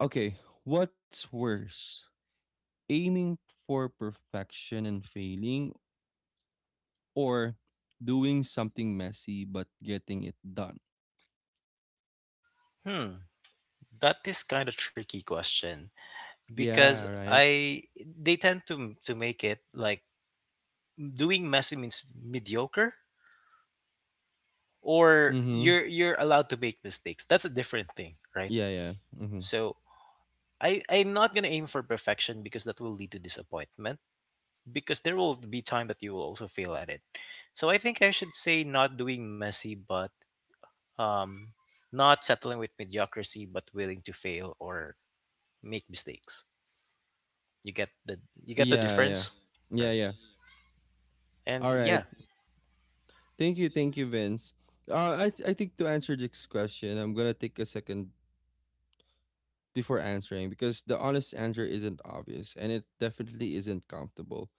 [SPEAKER 1] Okay, what's worse, aiming for perfection and failing, or doing something messy but getting it done?
[SPEAKER 2] Hmm, that is kind of tricky question,
[SPEAKER 1] Yeah,
[SPEAKER 2] because
[SPEAKER 1] right.
[SPEAKER 2] I they tend to make it like, doing messy means mediocre, or
[SPEAKER 1] Mm-hmm.
[SPEAKER 2] you're allowed to make mistakes. That's a different thing, right?
[SPEAKER 1] Yeah, yeah. Mm-hmm.
[SPEAKER 2] So I'm not gonna aim for perfection, because that will lead to disappointment, because there will be time that you will also fail at it. So I think I should say not doing messy, but um, not settling with mediocrity, but willing to fail or make mistakes. You get the you get the
[SPEAKER 1] Yeah, yeah.
[SPEAKER 2] difference,
[SPEAKER 1] Yeah,
[SPEAKER 2] right?
[SPEAKER 1] yeah.
[SPEAKER 2] And
[SPEAKER 1] All right.
[SPEAKER 2] yeah.
[SPEAKER 1] Thank you, Vince. I think to answer this question, I'm gonna take a second before answering because the honest answer isn't obvious, and it definitely isn't comfortable.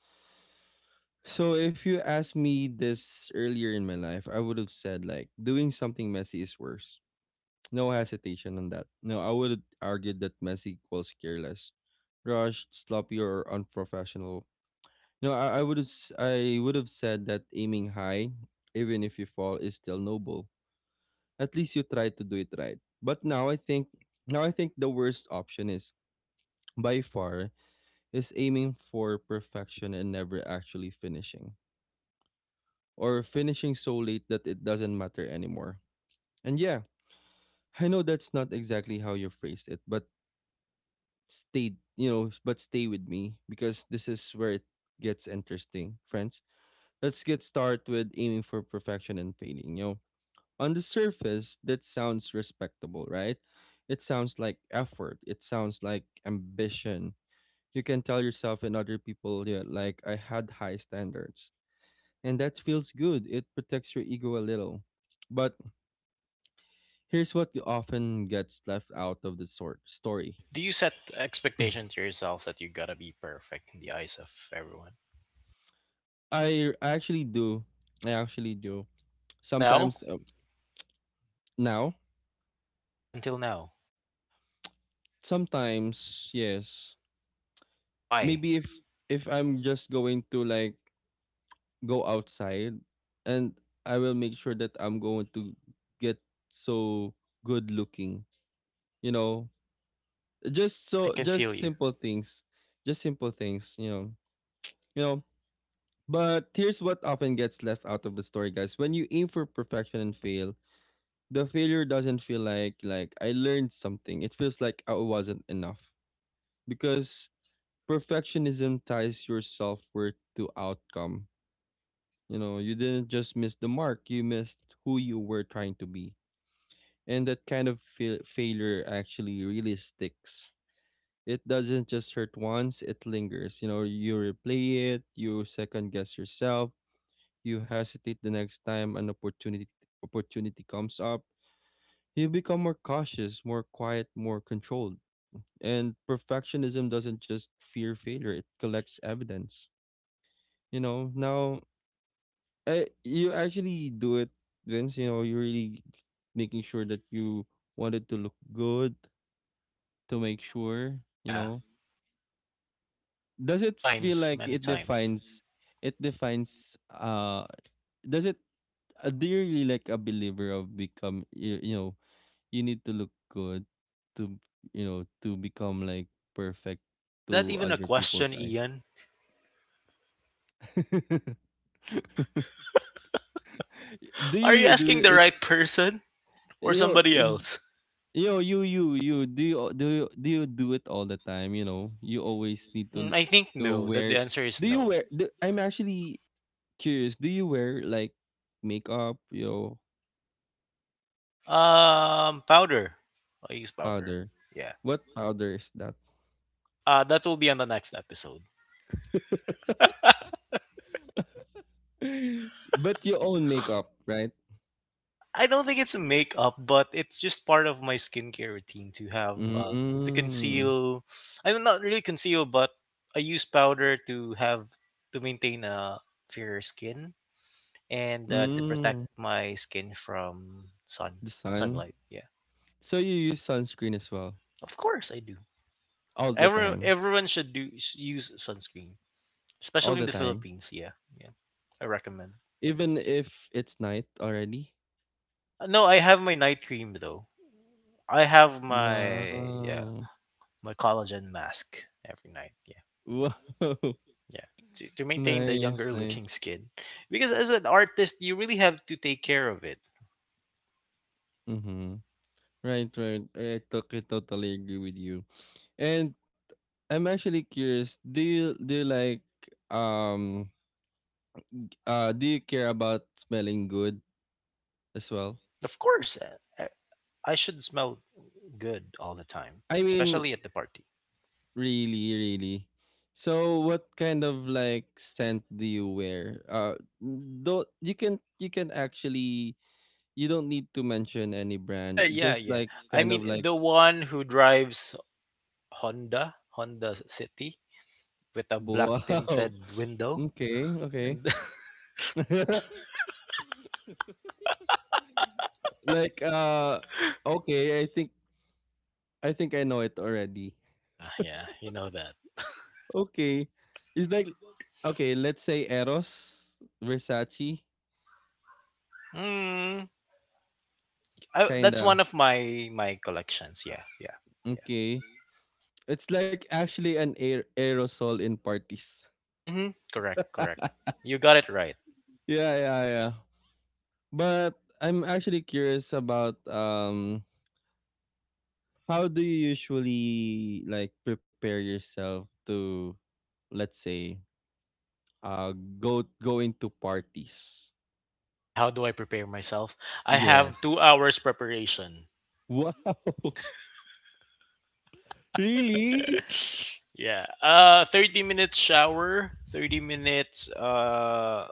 [SPEAKER 1] So if you asked me this earlier in my life, I would have said, like, doing something messy is worse. No hesitation on that. No, I would argue that messy equals careless, rushed, sloppy, or unprofessional. No, I would have said that aiming high, even if you fall, is still noble. At least you try to do it right. But now I think the worst option is, by far, is aiming for perfection and never actually finishing, or finishing so late that it doesn't matter anymore. And yeah, I know that's not exactly how you phrased it, but stay with me because this is where it gets interesting, friends. Let's get started with aiming for perfection and failing. You know, on the surface, that sounds respectable, right? It sounds like effort. It sounds like ambition. You can tell yourself and other people, yeah, like I had high standards, and that feels good. It protects your ego a little. But here's what often gets left out of the sort story.
[SPEAKER 2] Do you set expectation to yourself that you gotta be perfect in the eyes of everyone?
[SPEAKER 1] I actually do. I actually do.
[SPEAKER 2] Till now,
[SPEAKER 1] Sometimes, now,
[SPEAKER 2] yeah. Until now,
[SPEAKER 1] sometimes yes.
[SPEAKER 2] why?
[SPEAKER 1] Maybe if I'm just going to, like, go outside and I will make sure that I'm going to get so good looking, you know.
[SPEAKER 2] I can
[SPEAKER 1] Just
[SPEAKER 2] feel you.
[SPEAKER 1] simple things. Just simple things, you know. You know, but here's what often gets left out of the story, guys. When you aim for perfection and fail, the failure doesn't feel like I learned something. It feels like I wasn't enough, because perfectionism ties your self worth to outcome. You know, you didn't just miss the mark, you missed who you were trying to be. And that kind of failure actually really sticks. It doesn't just hurt once, it lingers. You know, you replay it, you second guess yourself, you hesitate the next time an opportunity opportunity comes up. You become more cautious, more quiet, more controlled. And perfectionism doesn't just fear failure, it collects evidence. You know, now you actually do it, Vince. You know, you're really making sure that you wanted to look good, to make sure. You
[SPEAKER 2] Yeah.
[SPEAKER 1] know, does
[SPEAKER 2] Many
[SPEAKER 1] it feel
[SPEAKER 2] times,
[SPEAKER 1] like
[SPEAKER 2] many
[SPEAKER 1] it
[SPEAKER 2] times.
[SPEAKER 1] defines? It defines. Uh, does it? Do you really, like, a believer of become? You know, you need to look good to, you know, to become like perfect
[SPEAKER 2] Is that
[SPEAKER 1] to
[SPEAKER 2] even a
[SPEAKER 1] other people's
[SPEAKER 2] question,
[SPEAKER 1] eye.
[SPEAKER 2] Ian?
[SPEAKER 1] Do
[SPEAKER 2] Are you
[SPEAKER 1] you
[SPEAKER 2] asking
[SPEAKER 1] do
[SPEAKER 2] the
[SPEAKER 1] it?
[SPEAKER 2] right person or
[SPEAKER 1] You know,
[SPEAKER 2] somebody
[SPEAKER 1] it,
[SPEAKER 2] else?
[SPEAKER 1] yo, you. Do you do it all the time? You know, you always need to
[SPEAKER 2] Mm, I think
[SPEAKER 1] to
[SPEAKER 2] no, that the
[SPEAKER 1] wear.
[SPEAKER 2] answer is
[SPEAKER 1] Do you
[SPEAKER 2] no.
[SPEAKER 1] wear? Do, I'm actually curious. Do you wear like makeup? You know,
[SPEAKER 2] Powder. I use powder.
[SPEAKER 1] powder.
[SPEAKER 2] Yeah.
[SPEAKER 1] What powder is that?
[SPEAKER 2] That will be on the next episode.
[SPEAKER 1] But your own makeup, right?
[SPEAKER 2] I don't think it's a makeup, but it's just part of my skincare routine to have to
[SPEAKER 1] Mm,
[SPEAKER 2] conceal. I mean, not really conceal, but I use powder to maintain a fairer skin, and to protect
[SPEAKER 1] mm,
[SPEAKER 2] my skin from
[SPEAKER 1] the sun.
[SPEAKER 2] sunlight. Yeah,
[SPEAKER 1] So you use sunscreen as well,
[SPEAKER 2] of course I do.
[SPEAKER 1] all the
[SPEAKER 2] Every,
[SPEAKER 1] time,
[SPEAKER 2] everyone should do use sunscreen,
[SPEAKER 1] all
[SPEAKER 2] especially in
[SPEAKER 1] the
[SPEAKER 2] the
[SPEAKER 1] time,
[SPEAKER 2] Philippines. Yeah, yeah, I recommend.
[SPEAKER 1] even if it's night already.
[SPEAKER 2] No, I have my night cream though. I have my, yeah,
[SPEAKER 1] Wow,
[SPEAKER 2] my collagen mask every night. Yeah,
[SPEAKER 1] wow.
[SPEAKER 2] yeah. To maintain the
[SPEAKER 1] Nice,
[SPEAKER 2] younger
[SPEAKER 1] nice.
[SPEAKER 2] looking skin, because as an artist you really have to take care of it.
[SPEAKER 1] Mhm. Right, right. I totally, totally agree with you. And I'm actually curious. Do you like, um do you care about smelling good as well?
[SPEAKER 2] Of course. I should smell good all the time,
[SPEAKER 1] I mean,
[SPEAKER 2] especially at the party.
[SPEAKER 1] really, really. So, what kind of like scent do you wear? Don't you can, you can actually, you don't need to mention any
[SPEAKER 2] Yeah,
[SPEAKER 1] brand.
[SPEAKER 2] yeah,
[SPEAKER 1] Just
[SPEAKER 2] yeah.
[SPEAKER 1] like
[SPEAKER 2] I
[SPEAKER 1] kind of
[SPEAKER 2] mean,
[SPEAKER 1] like
[SPEAKER 2] the one who drives Honda City, with a black
[SPEAKER 1] wow.
[SPEAKER 2] tinted window.
[SPEAKER 1] Okay, okay.
[SPEAKER 2] And
[SPEAKER 1] Like okay, I think I know it already.
[SPEAKER 2] yeah, yeah, you know that.
[SPEAKER 1] Okay. It's like okay, let's say Eros, Versace,
[SPEAKER 2] Mm, that's
[SPEAKER 1] kinda.
[SPEAKER 2] one of my collections. Yeah, yeah,
[SPEAKER 1] Okay. It's like actually an aerosol in parties.
[SPEAKER 2] yeah. Mm-hmm. Correct, correct. You got it right.
[SPEAKER 1] Yeah, yeah, yeah. But I'm actually curious about, um, how do you usually like prepare yourself to, let's say, uh go into parties?
[SPEAKER 2] How do I prepare myself? I have
[SPEAKER 1] Yes.
[SPEAKER 2] 2 hours preparation.
[SPEAKER 1] Wow. Really?
[SPEAKER 2] yeah. 30 minutes shower, 30 minutes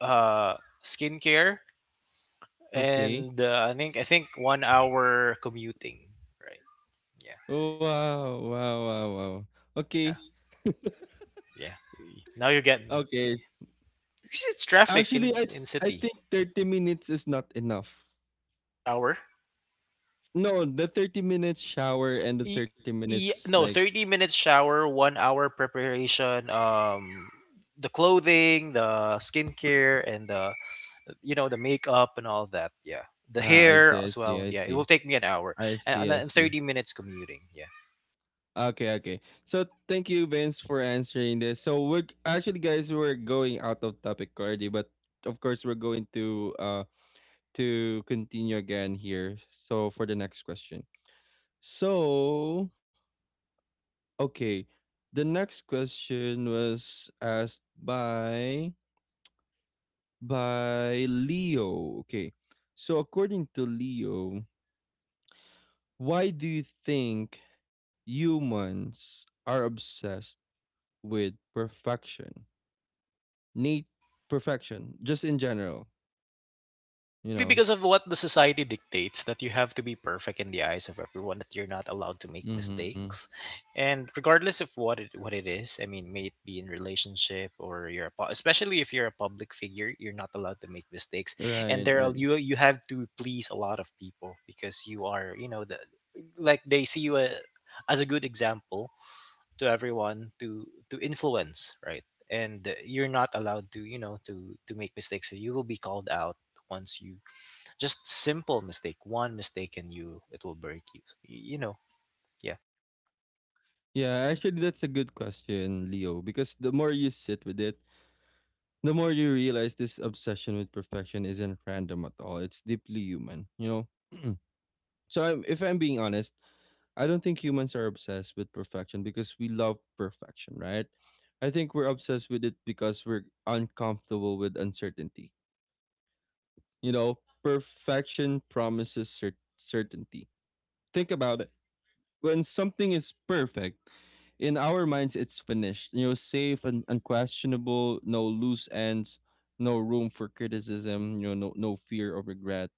[SPEAKER 2] uh skincare,
[SPEAKER 1] Okay.
[SPEAKER 2] and I think 1 hour commuting. Right. Yeah.
[SPEAKER 1] Wow.
[SPEAKER 2] Yeah.
[SPEAKER 1] Okay.
[SPEAKER 2] Yeah. Now you get me.
[SPEAKER 1] Okay.
[SPEAKER 2] Because it's traffic
[SPEAKER 1] Actually,
[SPEAKER 2] in in
[SPEAKER 1] I
[SPEAKER 2] city.
[SPEAKER 1] think 30 minutes is not enough.
[SPEAKER 2] Shower.
[SPEAKER 1] No, the 30 minutes shower and the
[SPEAKER 2] E-
[SPEAKER 1] 30 minutes
[SPEAKER 2] no,
[SPEAKER 1] like,
[SPEAKER 2] 30 minutes shower, 1 hour preparation. The clothing, the skincare, and the you know the makeup and all that. Yeah. The
[SPEAKER 1] ah, I
[SPEAKER 2] hair
[SPEAKER 1] see,
[SPEAKER 2] as
[SPEAKER 1] I
[SPEAKER 2] well.
[SPEAKER 1] see,
[SPEAKER 2] Yeah,
[SPEAKER 1] I
[SPEAKER 2] it will
[SPEAKER 1] see.
[SPEAKER 2] take me an hour,
[SPEAKER 1] I
[SPEAKER 2] and
[SPEAKER 1] see,
[SPEAKER 2] then
[SPEAKER 1] I
[SPEAKER 2] thirty
[SPEAKER 1] see.
[SPEAKER 2] minutes commuting. Yeah.
[SPEAKER 1] Okay, okay. So thank you, Vince, for answering this. So we're actually, guys, we're going out of topic already, but of course we're going to continue again here. So for the next question. So, okay. The next question was asked by Leo. Okay. So according to Leo, why do you think humans are obsessed with perfection? Nate, perfection, just in general, you
[SPEAKER 2] Maybe
[SPEAKER 1] know.
[SPEAKER 2] because of what the society dictates that you have to be perfect in the eyes of everyone, that you're not allowed to make
[SPEAKER 1] Mhm.
[SPEAKER 2] mistakes. And regardless of what it is, I mean, may it be in relationship or especially if you're a public figure, you're not allowed to make mistakes. And
[SPEAKER 1] Right,
[SPEAKER 2] there are,
[SPEAKER 1] right.
[SPEAKER 2] you have to please a lot of people because you are, you know, the, like they see you as a good example to everyone to influence, right? And you're not allowed to, you know, to make mistakes. So you will be called out once you just simple mistake. One mistake and you it will break you. You know. Yeah.
[SPEAKER 1] Yeah, actually that's a good question, Leo, because the more you sit with it, the more you realize this obsession with perfection isn't random at all. It's deeply human, you know? So if I'm being honest, I don't think humans are obsessed with perfection because we love perfection, right? I think we're obsessed with it because we're uncomfortable with uncertainty. You know, perfection promises certainty. Think about it: when something is perfect, in our minds it's finished, you know, safe and unquestionable, no loose ends, no room for criticism, you know, no fear of regret.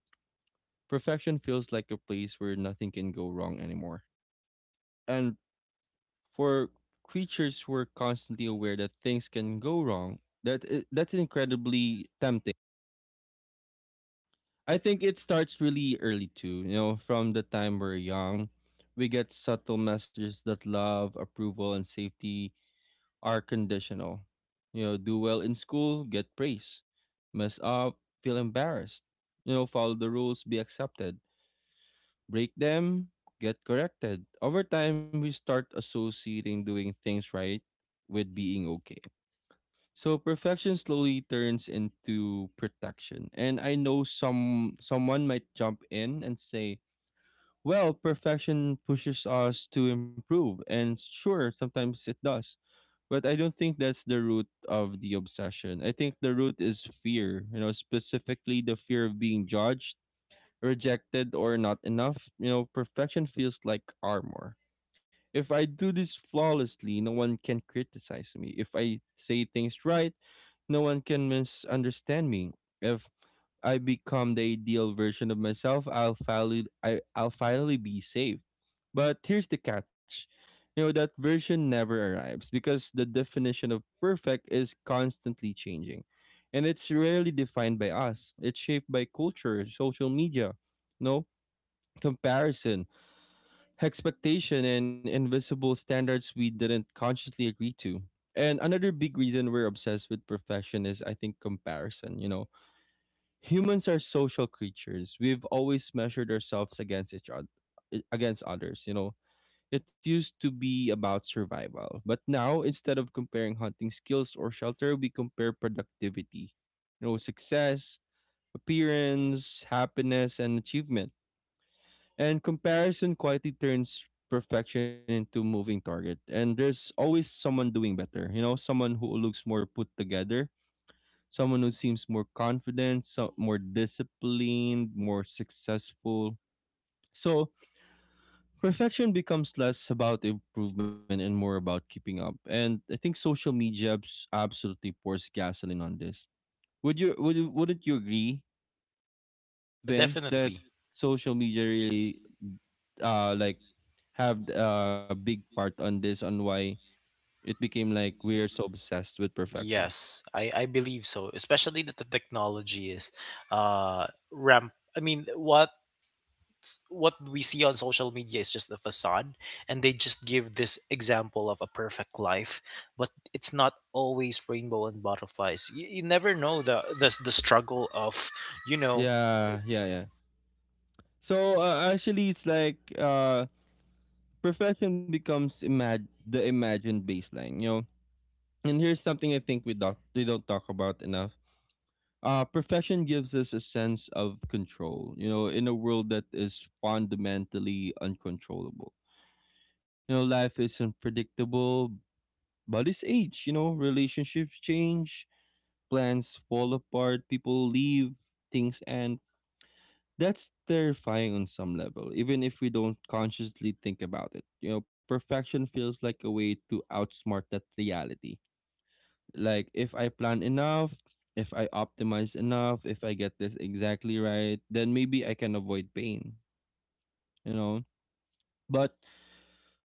[SPEAKER 1] Perfection feels like a place where nothing can go wrong anymore, and for creatures who are constantly aware that things can go wrong, that's incredibly tempting. I think it starts really early too, you know. From the time we're young, we get subtle messages that love, approval, and safety are conditional. You know, do well in school, get praise. Mess up, feel embarrassed. You know, follow the rules, be accepted. Break them, get corrected. Over time, we start associating doing things right with being okay. So perfection slowly turns into protection. And I know someone might jump in and say, "Well, perfection pushes us to improve." And sure, sometimes it does. But I don't think that's the root of the obsession. I think the root is fear, you know, specifically the fear of being judged, rejected, or not enough. You know, perfection feels like armor. If I do this flawlessly, no one can criticize me. If I say things right, no one can misunderstand me. If I become the ideal version of myself, I'll finally be safe. But here's the catch. You know, that version never arrives, because the definition of perfect is constantly changing. And it's rarely defined by us. It's shaped by culture, social media, no, comparison, expectation, and invisible standards we didn't consciously agree to. And another big reason we're obsessed with perfection is, I think, comparison. You know, humans are social creatures. We've always measured ourselves against each other, against others. You know, it used to be about survival, but now, instead of comparing hunting skills or shelter, we compare productivity. You know, success, appearance, happiness, and achievement. And comparison quietly turns perfection into moving target. And there's always someone doing better. You know, someone who looks more put together, someone who seems more confident, so more disciplined, more successful. So perfection becomes less about improvement and more about keeping up. And I think social media absolutely pours gasoline on this. Wouldn't you agree,
[SPEAKER 2] Yeah,
[SPEAKER 1] Vince, that
[SPEAKER 2] definitely.
[SPEAKER 1] social media really, uh like have a big part on this, on why it became like we're so obsessed with perfection.
[SPEAKER 2] Yes. I believe so. Especially that the technology is ramp I mean what we see on social media is just a facade, and they just give this example of a perfect life, but it's not always rainbow and butterflies. You never know the, the struggle of, you know.
[SPEAKER 1] Yeah, yeah, yeah. So actually, it's like, perfection becomes imag the imagined baseline, you know. And here's something I think we don't talk about enough. Perfection gives us a sense of control, you know, in a world that is fundamentally uncontrollable. You know, life is unpredictable, but it's age, you know, relationships change, plans fall apart, people leave, things, and that's terrifying on some level, even if we don't consciously think about it. You know, perfection feels like a way to outsmart that reality. Like, if I plan enough, if I optimize enough, if I get this exactly right, then maybe I can avoid pain, you know. But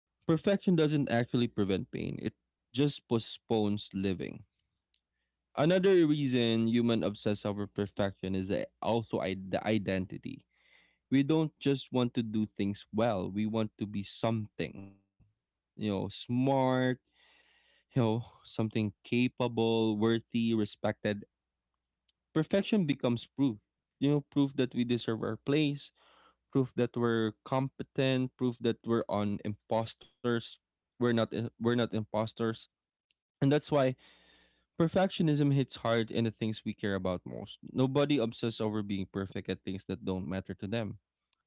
[SPEAKER 1] perfection doesn't actually prevent pain, it just postpones living. Another reason human obsess over perfection is the identity. We don't just want to do things well, we want to be something. You know, smart, you know, something capable, worthy, respected. Perfection becomes proof. You know, proof that we deserve our place, proof that we're competent, proof that we're on imposters. We're not imposters. And that's why perfectionism hits hard in the things we care about most. Nobody obsesses over being perfect at things that don't matter to them.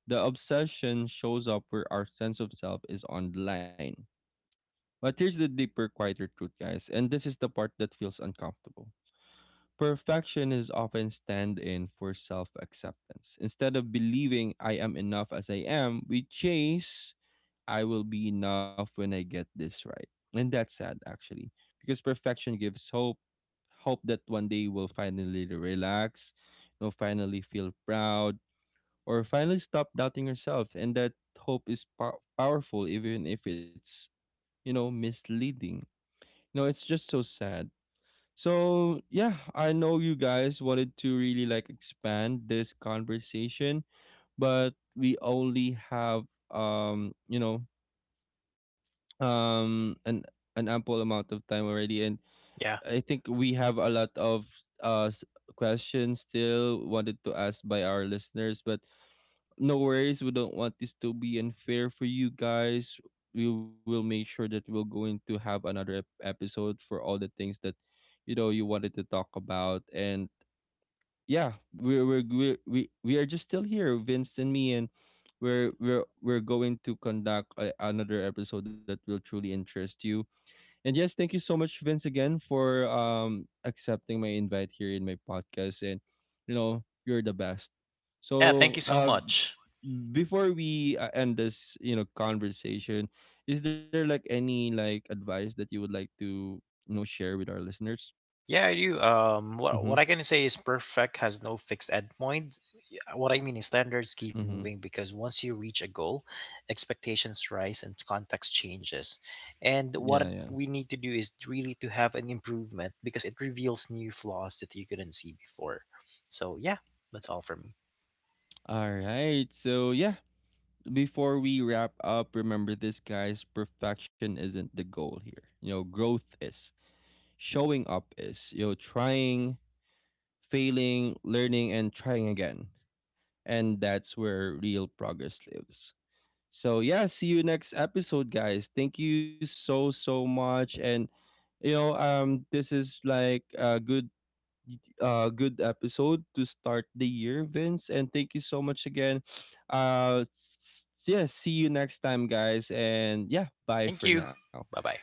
[SPEAKER 1] The obsession shows up where our sense of self is on the line. But here's the deeper, quieter truth, guys, and this is the part that feels uncomfortable. Perfection is often stand in for self acceptance. Instead of believing I am enough as I am, we chase, I will be enough when I get this right. And that's sad, actually, because perfection gives hope that one day we'll finally relax, you know, finally feel proud, or finally stop doubting yourself. And that hope is powerful, even if it's, you know, misleading. You know, it's just so sad. So, yeah, I know you guys wanted to really like expand this conversation, but we only have, you know, um, an, an ample amount of time already. And
[SPEAKER 2] Yeah,
[SPEAKER 1] I think we have a lot of uh s- questions still wanted to ask by our listeners, but no worries, we don't want this to be unfair for you guys. We will make sure that we're going to have another episode for all the things that, you know, you wanted to talk about. And yeah, we're we are just still here, Vince and me, and we're going to conduct a, another episode that will truly interest you. And yes, thank you so much, Vince, again, for, um, accepting my invite here in my podcast. And you know, you're the best.
[SPEAKER 2] yeah. Thank you
[SPEAKER 1] So,
[SPEAKER 2] so much.
[SPEAKER 1] before we, end this, you know, conversation, is there like any like advice that you would like to, you know, share with our listeners?
[SPEAKER 2] Yeah, I do. What
[SPEAKER 1] Mm-hmm.
[SPEAKER 2] I can say is perfect has no fixed endpoint. Yeah, what I mean is standards keep
[SPEAKER 1] Mm-hmm.
[SPEAKER 2] moving, because once you reach a goal, expectations rise and context changes. And
[SPEAKER 1] Yeah.
[SPEAKER 2] what
[SPEAKER 1] Yeah.
[SPEAKER 2] we need to do is really to have an improvement, because it reveals new flaws that you couldn't see before. So yeah, that's all for me.
[SPEAKER 1] All right. So yeah, before we wrap up, remember this, guys. Perfection isn't the goal here. You know, growth is, showing up is, you know, trying, failing, learning, and trying again. And that's where real progress lives. So, yeah, see you next episode, guys. Thank you so, so much. And, you know, this is like a good. Good episode to start the year, Vince, and thank you so much again. Uh, yeah, see you next time, guys, and yeah, bye
[SPEAKER 2] Thank
[SPEAKER 1] for
[SPEAKER 2] you.
[SPEAKER 1] now.
[SPEAKER 2] Bye bye.